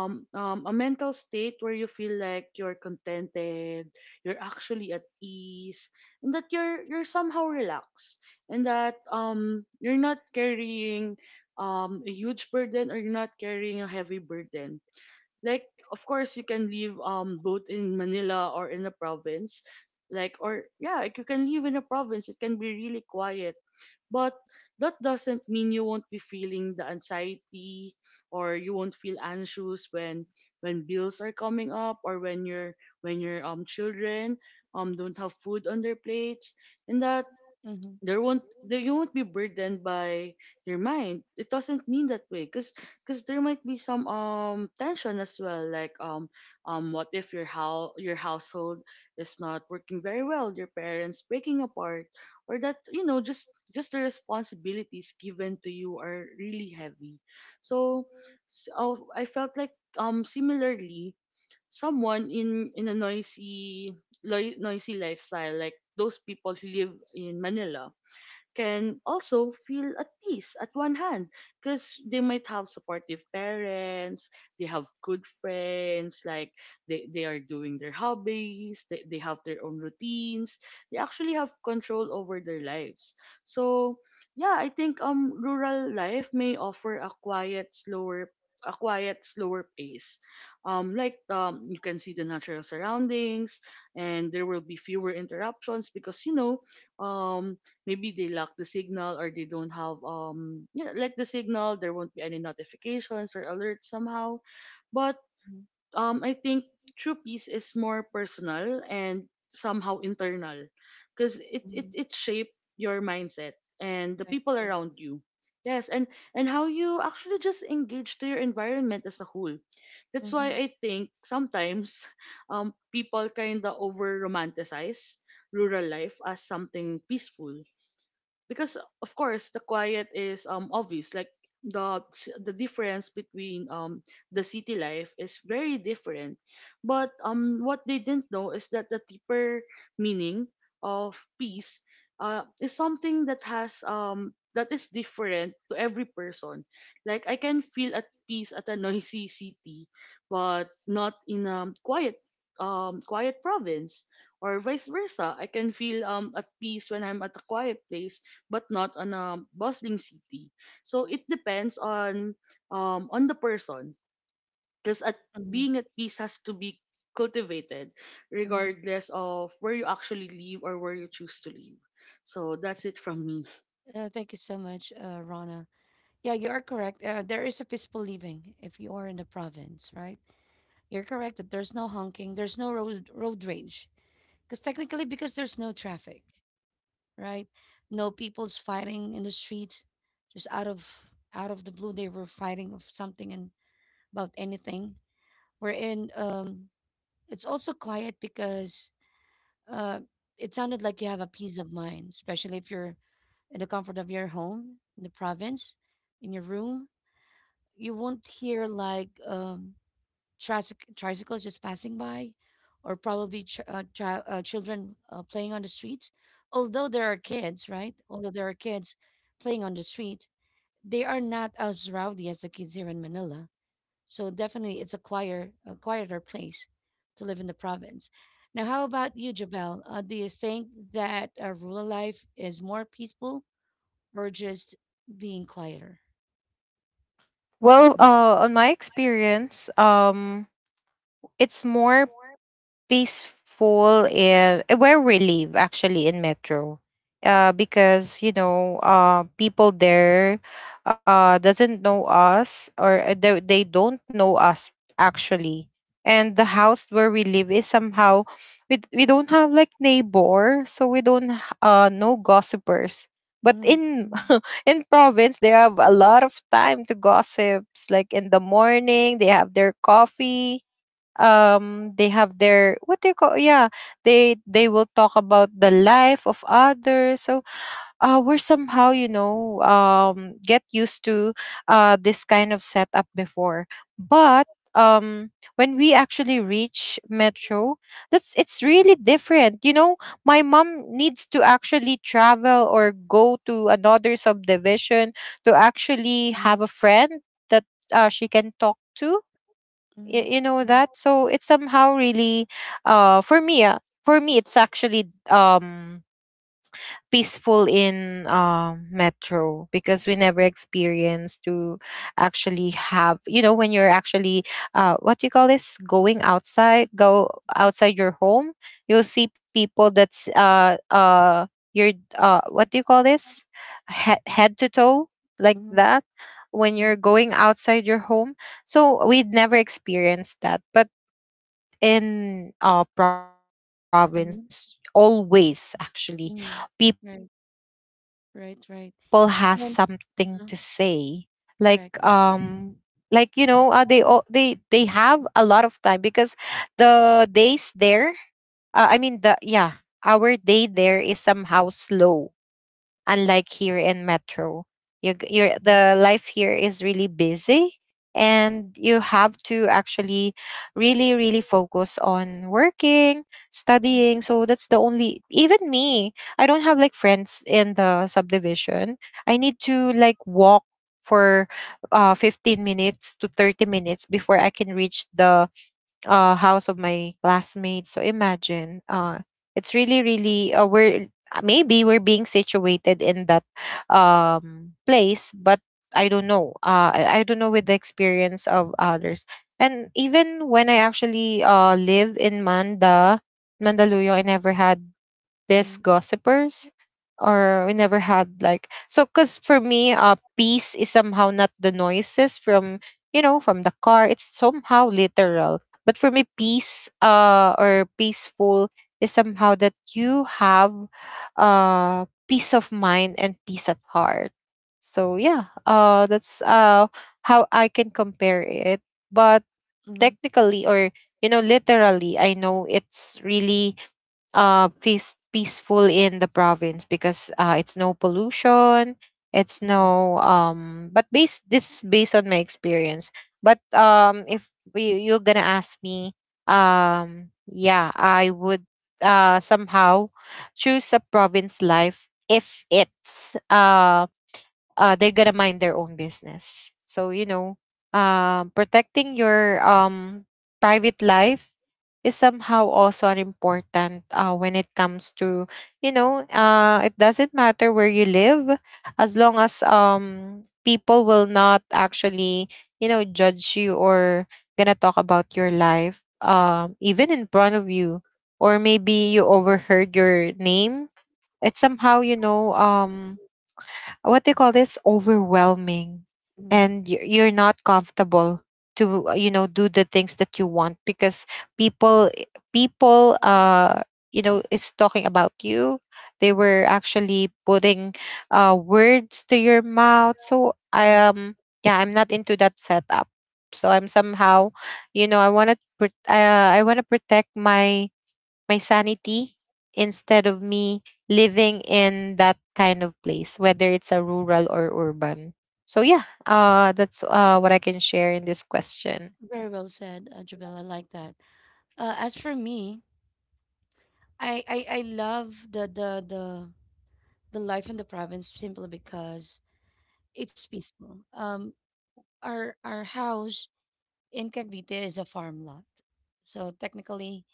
[SPEAKER 2] A mental state where you feel like you're contented, you're actually at ease, and that you're somehow relaxed, and that you're not carrying a huge burden, or you're not carrying a heavy burden. Like of course you can live both in Manila or in the province, like or yeah, like you can live in a province. It can be really quiet, but that doesn't mean you won't be feeling the anxiety or you won't feel anxious when bills are coming up, or when your children don't have food on their plates. And that
[SPEAKER 1] Hmm.
[SPEAKER 2] there won't there you won't be burdened by your mind. It doesn't mean that way because cause there might be some tension as well, like what if your household is not working very well, your parents breaking apart, or that you know just the responsibilities given to you are really heavy. So I felt like similarly, someone in a noisy noisy lifestyle, like those people who live in Manila, can also feel at peace at one hand because they might have supportive parents, they have good friends, like they are doing their hobbies, they have their own routines, they actually have control over their lives. So yeah, I think rural life may offer a quiet slower a quiet, slower pace. Like you can see the natural surroundings, and there will be fewer interruptions because you know um maybe they lack the signal, or they don't have yeah, like the signal, there won't be any notifications or alerts somehow. But I think true peace is more personal and somehow internal because it shapes your mindset and the people
[SPEAKER 1] Right.
[SPEAKER 2] around you. Yes, and how you actually just engage to your environment as a whole. That's
[SPEAKER 1] Mhm,
[SPEAKER 2] why I think sometimes *laughs* people kind of over romanticize rural life as something peaceful, because of course the quiet is obvious, like the the difference between the city life is very different. But what they didn't know is that the deeper meaning of peace is something that has that is different to every person. Like I can feel at peace at a *laughs* noisy city, but not in a quiet province. Or vice versa, I can feel at peace when I'm at a quiet place, but not on a bustling city. So it depends on the person, because at
[SPEAKER 1] mhm,
[SPEAKER 2] being at peace has to be cultivated
[SPEAKER 1] mhm.
[SPEAKER 2] regardless of where you actually live or where you choose to live. So that's it from me.
[SPEAKER 1] Thank you so much, Rana. Yeah, you are correct. There is a peaceful living if you are in the province, right? You're correct that there's no honking, there's no road rage. Because technically, because there's no traffic, right? No people's fighting in the streets. Just out of the blue, they were fighting of something and about anything. Wherein it's also quiet because uh, it sounded like you have a peace of mind, especially if you're in the comfort of your home in the province, in your room. You won't hear like tricycles just passing by, or probably children playing on the streets. Although there are kids, right? Although there are kids playing on the street, they are not as rowdy as the kids here in Manila. So definitely, it's a quieter place to live in the province. Now, how about you, Jabel? Do you think that rural life is more peaceful or just being quieter?
[SPEAKER 3] Well, on my experience, it's more peaceful in where we live actually in metro, because you know, people there, doesn't know us or they don't know us actually, and the house where we live is somehow, we don't have like neighbor, so we don't no gossipers. But
[SPEAKER 1] Mm-hmm.
[SPEAKER 3] in *laughs* in province, they have a lot of time to gossips, like in the morning they have their coffee, they have their, what do you call, yeah, they will talk about the life of others. So we're somehow, you know, get used to, this kind of setup before. But when we actually reach metro, that's it's really different, you know. My mom needs to actually travel or go to another subdivision to actually have a friend that, she can talk to.
[SPEAKER 1] Mm-hmm.
[SPEAKER 3] You know that? So it's somehow really, for me it's actually, peaceful in, metro, because we never experienced to actually have, you know, when you're actually, what do you call this, going outside, go outside your home, you'll see people that's, your, what do you call this, head to toe like that when you're going outside your home. So we'd never experienced that. But in our province
[SPEAKER 1] Mm-hmm.
[SPEAKER 3] always actually, people has
[SPEAKER 1] Mm.
[SPEAKER 3] something
[SPEAKER 1] Right,
[SPEAKER 3] to say.
[SPEAKER 1] right,
[SPEAKER 3] Like
[SPEAKER 1] right. And then, uh-huh,
[SPEAKER 3] you know, they all
[SPEAKER 1] correct,
[SPEAKER 3] they have
[SPEAKER 1] correct.
[SPEAKER 3] a lot of time because the days there, I mean the yeah, our day there is somehow slow, unlike here in metro. The life here is really busy,
[SPEAKER 1] Mhm.
[SPEAKER 3] and you have to actually really really focus on working, studying. So that's the only, even me, I don't have like friends in the subdivision. I need to like walk for, 15 minutes to 30 minutes before I can reach the, house of my classmates. So imagine, it's really really, we're maybe we're being situated in that, place. But I don't know. I don't know with the experience of others. And even when I actually live in Mandaluyong, I never had these
[SPEAKER 1] Mhm,
[SPEAKER 3] gossipers or we never had like so because for me peace is somehow not the noises from from the car, it's somehow literal. But for me, peace or peaceful is somehow that you have peace of mind and peace at heart. So yeah, that's how I can compare it. But
[SPEAKER 1] mhm,
[SPEAKER 3] technically, or literally, I know it's really peaceful in the province because it's no pollution, it's no but based, this is based on my experience. But if you're gonna ask me, yeah, I would somehow choose a province life if it's they're gonna mind their own business. So protecting your private life is somehow also an important when it comes to it doesn't matter where you live as long as people will not actually judge you or gonna talk about your life, even in front of you, or maybe you overheard your name. It's somehow, what do you call this, overwhelming,
[SPEAKER 1] mhm, mhm,
[SPEAKER 3] and you're not comfortable to do the things that you want because people people is talking about you. They were actually putting words to your mouth, so i
[SPEAKER 1] mhm.
[SPEAKER 3] um yeah, I'm not into that setup. So I'm somehow, I want to I want to protect my sanity instead of me living in that kind of place, whether it's a rural or urban. So yeah, that's what I can share in this question.
[SPEAKER 1] Very well said, Jabel. I like that. As for me, I love the life in the province simply because it's peaceful. Our house in Cavite is a farm lot, so technically,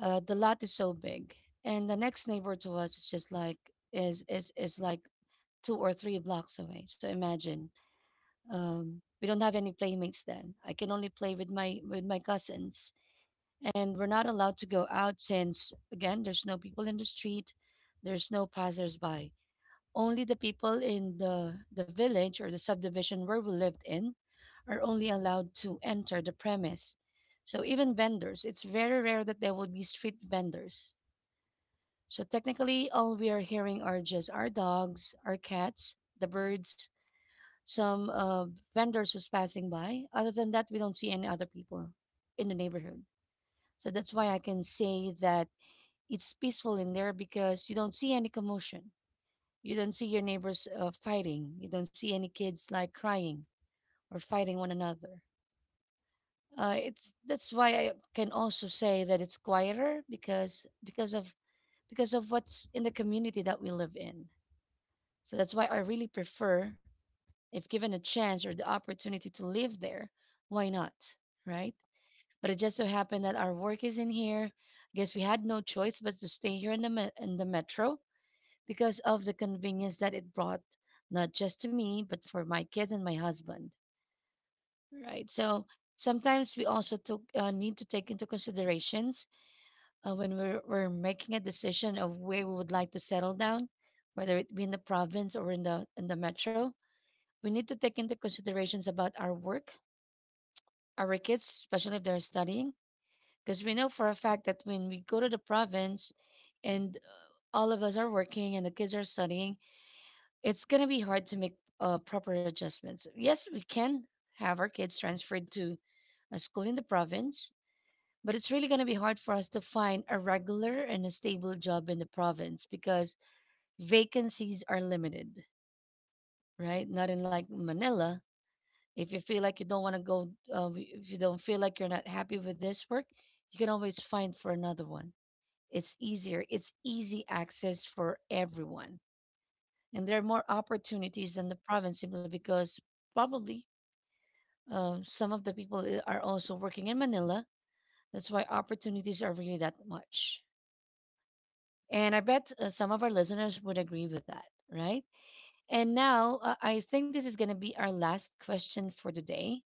[SPEAKER 1] the lot is so big, and the next neighbor to us is just like is like two or three blocks away. So imagine. We don't have any playmates then. I can only play with my cousins, and we're not allowed to go out since again there's no people in the street, there's no passersby. Only the people in the village or the subdivision where we lived in are only allowed to enter the premise. So even vendors, it's very rare that there will be street vendors. So technically, all we are hearing are just our dogs, our cats, the birds, some vendors was passing by. Other than that, we don't see any other people in the neighborhood. So that's why I can say that it's peaceful in there because you don't see any commotion. You don't see your neighbors fighting. You don't see any kids like crying or fighting one another. It's that's why I can also say that it's quieter because of what's in the community that we live in. So that's why I really prefer. If given a chance or the opportunity to live there, why not? Right? But it just so happened that our work is in here. I guess we had no choice but to stay here in the metro because of the convenience that it brought not just to me but for my kids and my husband. Right? So sometimes we also took need to take into considerations when we're making a decision of where we would like to settle down, whether it be in the province or in the metro, we need to take into considerations about our work, our kids, especially if they're studying, because we know for a fact that when we go to the province and all of us are working and the kids are studying, it's going to be hard to make proper adjustments. Yes, we can have our kids transferred to a school in the province, but it's really going to be hard for us to find a regular and a stable job in the province because vacancies are limited, right? Not unlike Manila. If you feel like you don't want to go, if you don't feel like you're not happy with this work, you can always find for another one. It's easier, it's easy access for everyone. And there are more opportunities in the province simply because probably some of the are also working in Manila. That's why opportunities are really that much. And I bet some of our listeners would agree with that, right? And now I think this is going to be our last question for the day.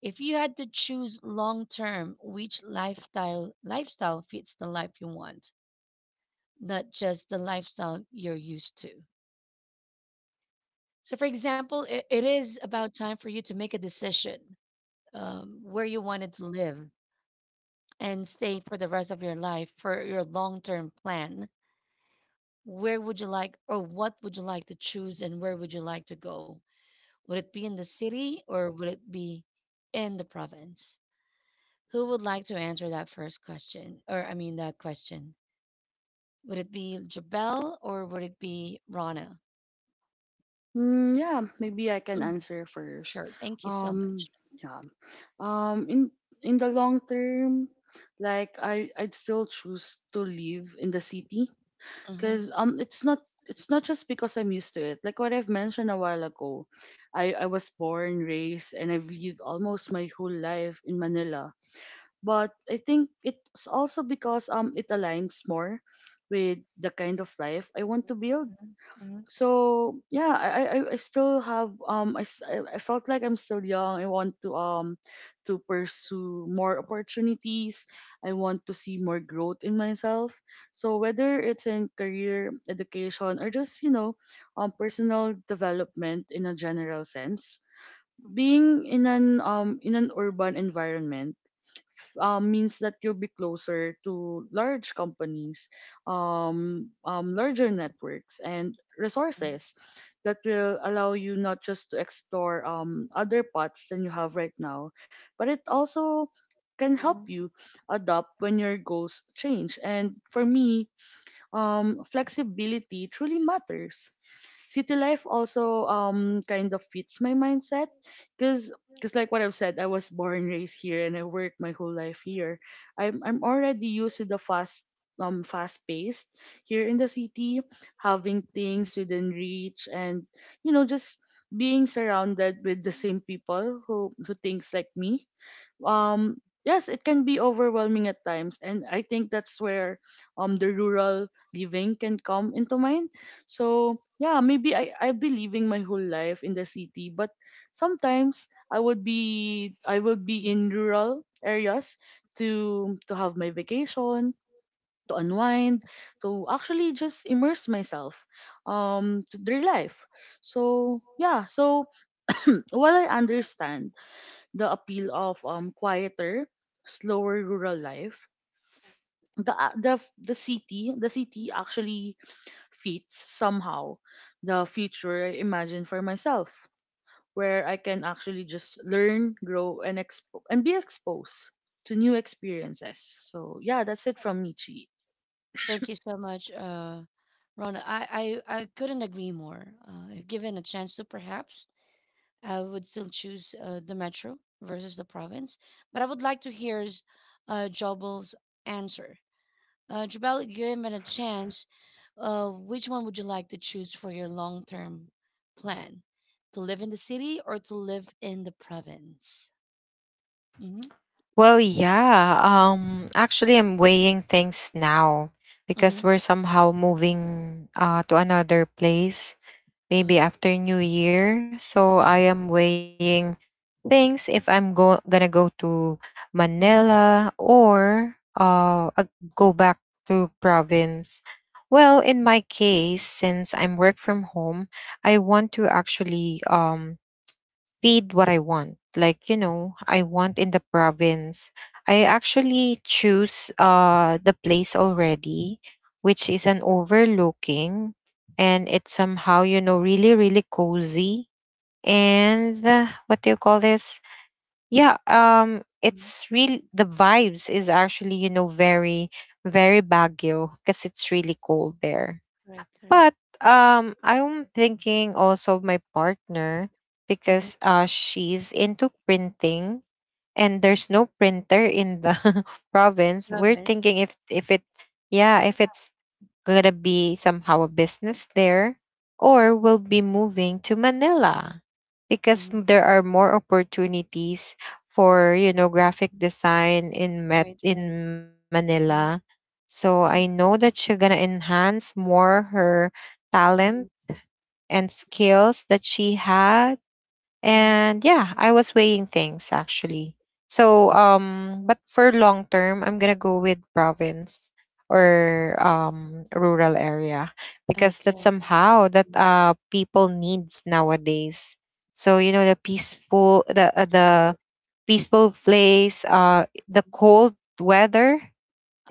[SPEAKER 1] If you had to choose long term, which lifestyle fits the life you want, not just the lifestyle you're used to. So, for example, it is about time for you to make a decision where you wanted to live and stay for the rest of your life for your long term plan. Where would you like, or what would you like to choose, and where would you like to go? Would it be in the city or would it be in the province? Who would like to answer that first question? Or, I mean, that question? Would it be Jabel or would it be Rana?
[SPEAKER 2] Mm, yeah, maybe I can
[SPEAKER 1] Mm.
[SPEAKER 2] answer first.
[SPEAKER 1] Sure. Thank you so much.
[SPEAKER 2] Um yeah. Um in in the long term, like I'd still choose to live in the city
[SPEAKER 1] Mhm,
[SPEAKER 2] because it's not just because I'm used to it. Like what I've mentioned a while ago, I was born, raised, and I've lived almost my whole life in Manila. But I think it's also because it aligns more with the kind of life I want to build.
[SPEAKER 1] mhm.
[SPEAKER 2] So yeah, I still have I felt like I'm still young. I want to pursue more opportunities, I want to see more growth in myself, so whether it's in career, education, or just you know personal development in a general sense. Being in an urban environment means that you'll be closer to large companies, larger networks, and resources that will allow you not just to explore other paths than you have right now, but it also can help you adapt when your goals change. And for me, flexibility truly matters. City life also kind of fits my mindset, because like what I've said, I was born, raised here, and I worked my whole life here. I'm already used to the fast paced here in the city, having things within reach, and you know just being surrounded with the same people who thinks like me. um yes, it can be overwhelming at times, and I think that's where the rural living can come into mind. So yeah, maybe I'll be living my whole life in the city, but sometimes I would be in rural areas to have my vacation, to unwind, to actually just immerse myself to their life. So yeah, so *clears throat* while I understand the appeal of quieter, slower rural life. The a- the f- the city The city actually fits somehow the future I imagine for myself, where I can actually just learn, grow, and be exposed to new experiences. So yeah, that's it from Michi.
[SPEAKER 1] Thank you so much, Rona. I couldn't agree more. If given a chance to, perhaps I would still choose the metro versus the province. But I would like to hear Jobel's answer. Jobel, given a chance, which one would you like to choose for your long-term plan? To live in the city or to live in the province?
[SPEAKER 3] Well, yeah. Actually, I'm weighing things now because
[SPEAKER 1] Mhm,
[SPEAKER 3] we're somehow moving to another place
[SPEAKER 1] uh,
[SPEAKER 3] maybe after New Year. So I am weighing things if I'm gonna go to
[SPEAKER 1] Mhm,
[SPEAKER 3] Manila or go back to province. Well, in my case, since I'm work from home, I want to actually feed what I want. Like, you know, I want in the province. I actually choose the place already, which is an overlooking, and it's somehow, you know, really, really cozy. And what do you call this? Yeah,
[SPEAKER 1] mhm.
[SPEAKER 3] it's real, the vibes is actually, you know, very, very Baguio because it's really cold there.
[SPEAKER 1] Correct, correct.
[SPEAKER 3] But I'm thinking also of my partner
[SPEAKER 1] Mhm.
[SPEAKER 3] because she's into printing and there's no printer in the *laughs* province. We're
[SPEAKER 1] Province.
[SPEAKER 3] thinking if it yeah, if it's gonna be somehow a business there or will be moving to Manila because
[SPEAKER 1] Mhm.
[SPEAKER 3] there are more opportunities for, you know, graphic design in Met
[SPEAKER 1] Right, right.
[SPEAKER 3] in Manila.
[SPEAKER 1] Mhm,
[SPEAKER 3] So I know
[SPEAKER 1] mhm,
[SPEAKER 3] that she's gonna enhance more her talent
[SPEAKER 1] mhm,
[SPEAKER 3] and skills that she has.
[SPEAKER 1] mhm.
[SPEAKER 3] And yeah, I was weighing things actually. So but for long term, I'm going to go with province
[SPEAKER 1] Okay,
[SPEAKER 3] or rural area because
[SPEAKER 1] okay.
[SPEAKER 3] that's somehow that people needs nowadays. So you know, the peaceful,
[SPEAKER 1] Peaceful
[SPEAKER 3] the
[SPEAKER 1] life.
[SPEAKER 3] peaceful place, the cold weather,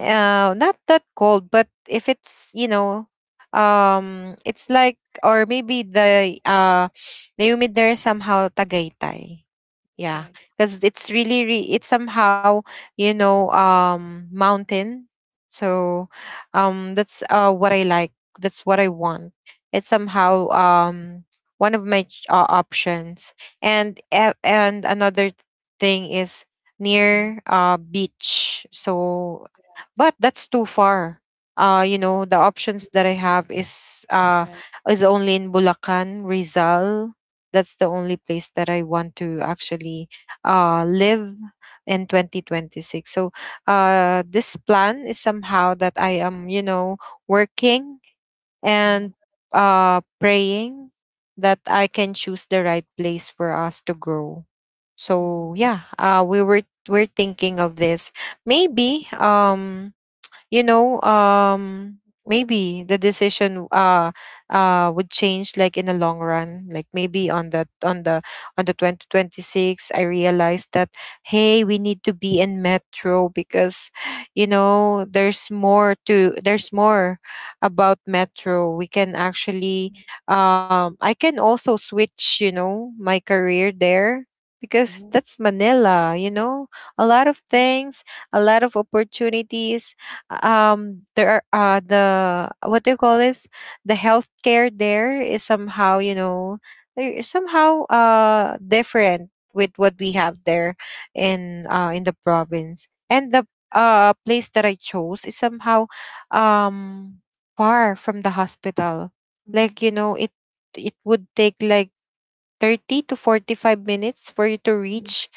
[SPEAKER 1] Uh-huh,
[SPEAKER 3] not that cold, but if it's, you know, it's like, or maybe the humid there is somehow Tagaytay, yeah,
[SPEAKER 1] correct.
[SPEAKER 3] because it's really it's somehow, you know, mountain. So that's what I like, that's what I want. It's
[SPEAKER 1] Mhm,
[SPEAKER 3] somehow, one of my options, and and another thing is
[SPEAKER 1] mhm,
[SPEAKER 3] near beach, so but that's too far. You know, the options that I
[SPEAKER 1] mhm,
[SPEAKER 3] have
[SPEAKER 1] right.
[SPEAKER 3] is only in Bulacan, Rizal. That's the only place that I want to actually live in 2026. So this plan is somehow that I am, you know, working
[SPEAKER 1] Mhm,
[SPEAKER 3] and praying that I can choose the right place for us to grow.
[SPEAKER 1] mhm,
[SPEAKER 3] So yeah, we're thinking of this, maybe, you know um maybe the decision would change like in the long run, like maybe on the 2026 I realized that, hey, we need to be in metro because, you know, there's more about metro. We can actually
[SPEAKER 1] mhm,
[SPEAKER 3] I can also switch, you know, my career there because
[SPEAKER 1] mhm,
[SPEAKER 3] that's Manila, you know, a lot of things, a lot of opportunities. There are the, what do you call this, the healthcare there is somehow, you know, somehow different with what we have there in the province. And the place that I chose is somehow um far from the hospital.
[SPEAKER 1] mhm.
[SPEAKER 3] Like, you know, it would take like 30 to 45 minutes for you to reach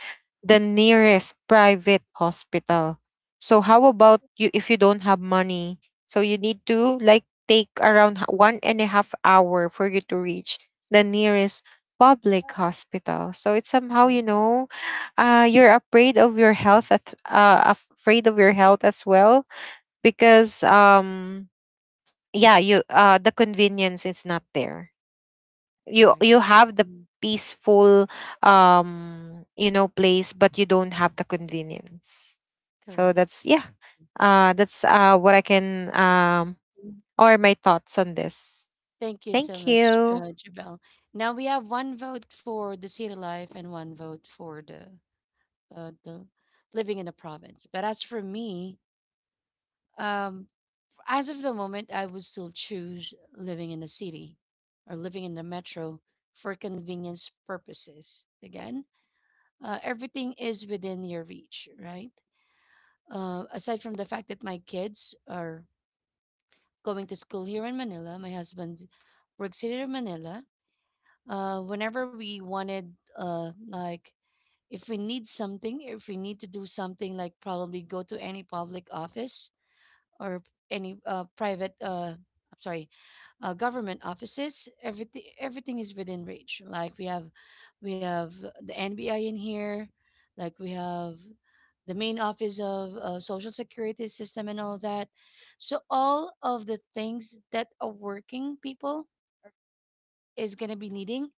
[SPEAKER 3] the nearest private hospital. So
[SPEAKER 1] Correct,
[SPEAKER 3] how about you if you don't have money? So you need to like take around 1.5 hours for you to reach the nearest public hospital. So it's somehow, you know, you're afraid of your health, afraid of your health as well because yeah, you the convenience is not there. you
[SPEAKER 1] correct.
[SPEAKER 3] you have the
[SPEAKER 1] Mhm.
[SPEAKER 3] peaceful, you know, place, but you don't have the convenience. So
[SPEAKER 1] Correct.
[SPEAKER 3] that's yeah, that's what I can or my thoughts on this.
[SPEAKER 1] Thank you
[SPEAKER 3] Thank
[SPEAKER 1] so much,
[SPEAKER 3] you.
[SPEAKER 1] Jabel. Now we have one vote for the city life and one vote for the uh, the living in the province. But as for me, um, as of the moment, I would still choose living in the city or living in the metro for convenience purposes. Again, everything is within your reach, right? Aside from the fact that my kids are going to school here in Manila, my husband works here in Manila. Whenever we wanted, like, if we need something, if we need to do something, like probably go to any public office, or any private I'm sorry, government offices. Everything is within reach. Like we have the NBI in here, like we have the main office of Social Security system and all that. So all of the things that are working people is going to be needing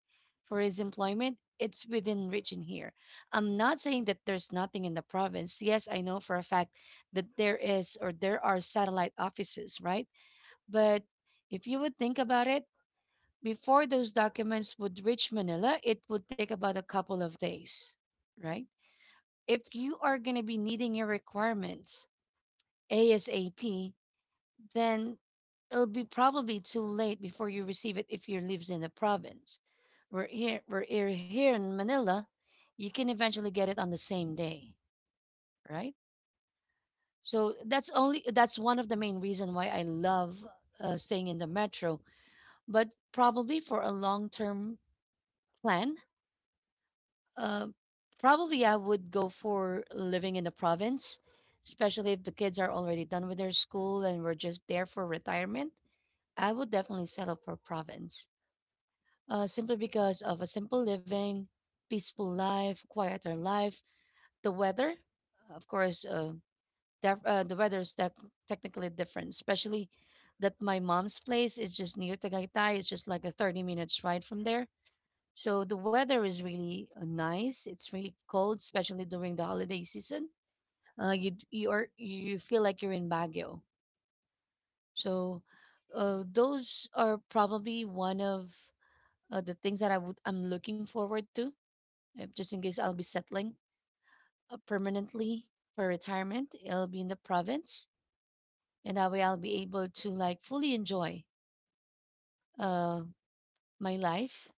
[SPEAKER 1] for his employment, it's within reach in here. I'm not saying that there's nothing in the province. Yes, I know for a fact that there is or there are satellite offices, right? But if you would think about it, before those documents would reach Manila, it would take about a couple of days, right? If you are going to be needing your requirements ASAP, then it'll be probably too late before you receive it if you lives in the province. We're here here in Manila, you can eventually get it on the same day, right? So that's one of the main reason why I love staying in the metro. But probably for a long term plan, uh, probably I would go for living in the province, especially if the kids are already done with their school and we're just there for retirement. I would definitely settle for province simply because of a simple living, peaceful life, quieter life. The weather, of course, the weather is technically different, especially that my mom's place is just near Tagaytay. It's just like a 30 minutes ride from there. So the weather is really nice. It's really cold, especially during the holiday season. You are you feel like you're in Baguio. So those are probably one of the things that I'm looking forward to. Just in case I'll be settling permanently for retirement. It'll be in the province, and that way I'll be able to like fully enjoy uh, my life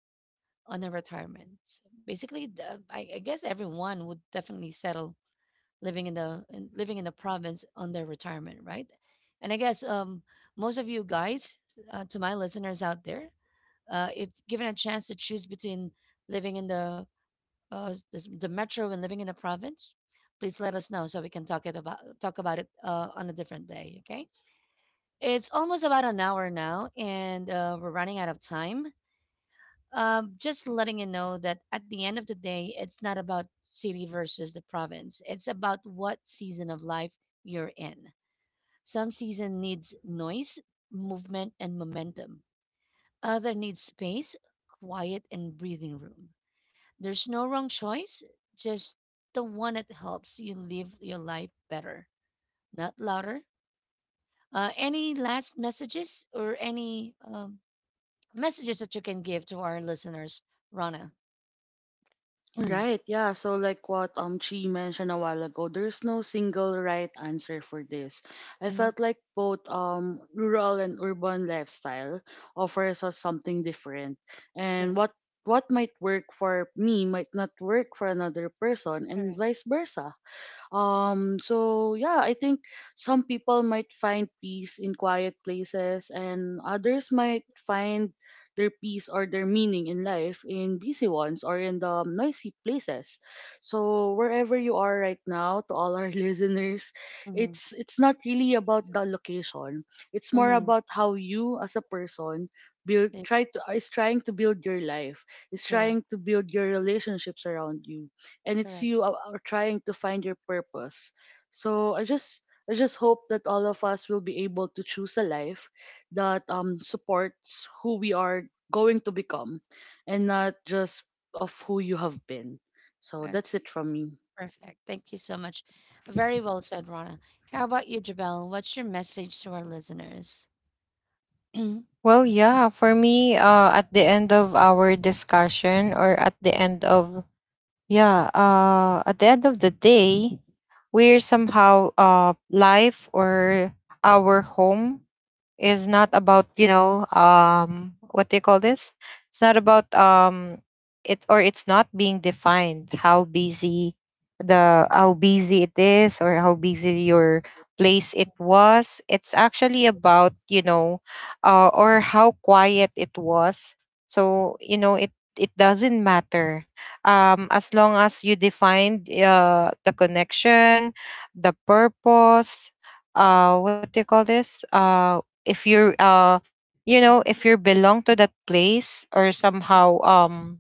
[SPEAKER 1] on a retirement. So, basically, I guess everyone would definitely settle living in living in the province on their retirement, right? And I guess most of you guys, to my listeners out there, if given a chance to choose between living in the the metro and living in the province, please let us know so we can talk about it on a different day. Okay, it's almost about an hour now, and we're running out of time. Just letting you know that at the end of the day, it's not about city versus the province. It's about what season of life you're in. Some season needs noise, movement, and momentum. Other needs space, quiet, and breathing room. There's no wrong choice, just the one that helps you live your life better, not louder. Any last messages or any messages that you can give to our listeners, Rana? Mm,
[SPEAKER 2] Right, yeah. So like what Chi mentioned a while ago, there's no single right answer for this. I
[SPEAKER 1] mhm,
[SPEAKER 2] felt like both rural and urban lifestyle offers us something different. And
[SPEAKER 1] correct.
[SPEAKER 2] what might work for me might not work for another person, and
[SPEAKER 1] Correct.
[SPEAKER 2] vice versa.
[SPEAKER 1] Yes.
[SPEAKER 2] So yeah, I think some people might find peace in quiet places, and others might find their peace or their meaning in life in busy ones or in the noisy places. So wherever you are right now, to all our *laughs* listeners,
[SPEAKER 1] Mhm,
[SPEAKER 2] it's not really about the location. It's more
[SPEAKER 1] mhm.
[SPEAKER 2] about how you as a person build
[SPEAKER 1] Thank.
[SPEAKER 2] try to is trying to build your life, is
[SPEAKER 1] Correct.
[SPEAKER 2] trying to build your relationships around you, and it's
[SPEAKER 1] Correct.
[SPEAKER 2] you are trying to find your purpose. So I just hope that all of us will be able to choose a life that supports who we are going to become, and not just of who you have been. So
[SPEAKER 1] Okay,
[SPEAKER 2] that's it from me.
[SPEAKER 1] perfect. Thank you so much. Very well said, Rana. How about you, Jabel? What's your message to our listeners? *clears throat* Mhm,
[SPEAKER 3] Well, yeah, for me, at the end of our discussion, or at the end of, yeah, at the end of the day, we're somehow, life or our home is not about, you know, what they call this, it's not about, it, or it's not being defined how busy, the how busy it is or how busy your place it was. It's actually about, you know, or how quiet it was. So you know, it doesn't matter, as long as you defined the connection, the purpose, what do you call this, if you're you know, if you belong to that place, or somehow,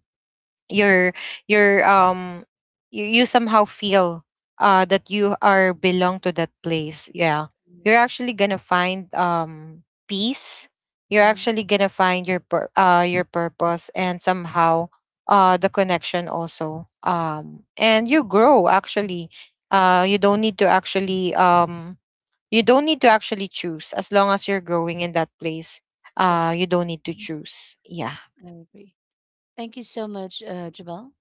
[SPEAKER 3] you're you're um you somehow feel that you are belong to that place. Yeah,
[SPEAKER 1] correct.
[SPEAKER 3] you're actually gonna find peace, you're
[SPEAKER 1] Mhm,
[SPEAKER 3] actually gonna find your your purpose, and somehow the connection also, and you grow actually.
[SPEAKER 1] correct.
[SPEAKER 3] You don't need to actually you don't need to actually choose. As long as you're growing in that place,
[SPEAKER 1] Perfect.
[SPEAKER 3] you don't need to choose. Yeah,
[SPEAKER 1] I agree. Thank you so much, Jabal.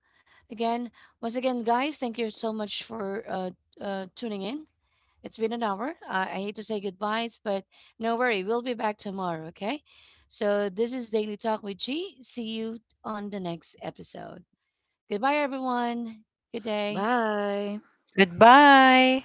[SPEAKER 1] Again, once again, guys, thank you so much for tuning in. It's been an hour. I hate to say goodbyes, but no worry, we'll be back tomorrow, okay? So this is Daily Talk with G. See you on the next episode. Goodbye, everyone. Good day.
[SPEAKER 2] Bye.
[SPEAKER 3] goodbye.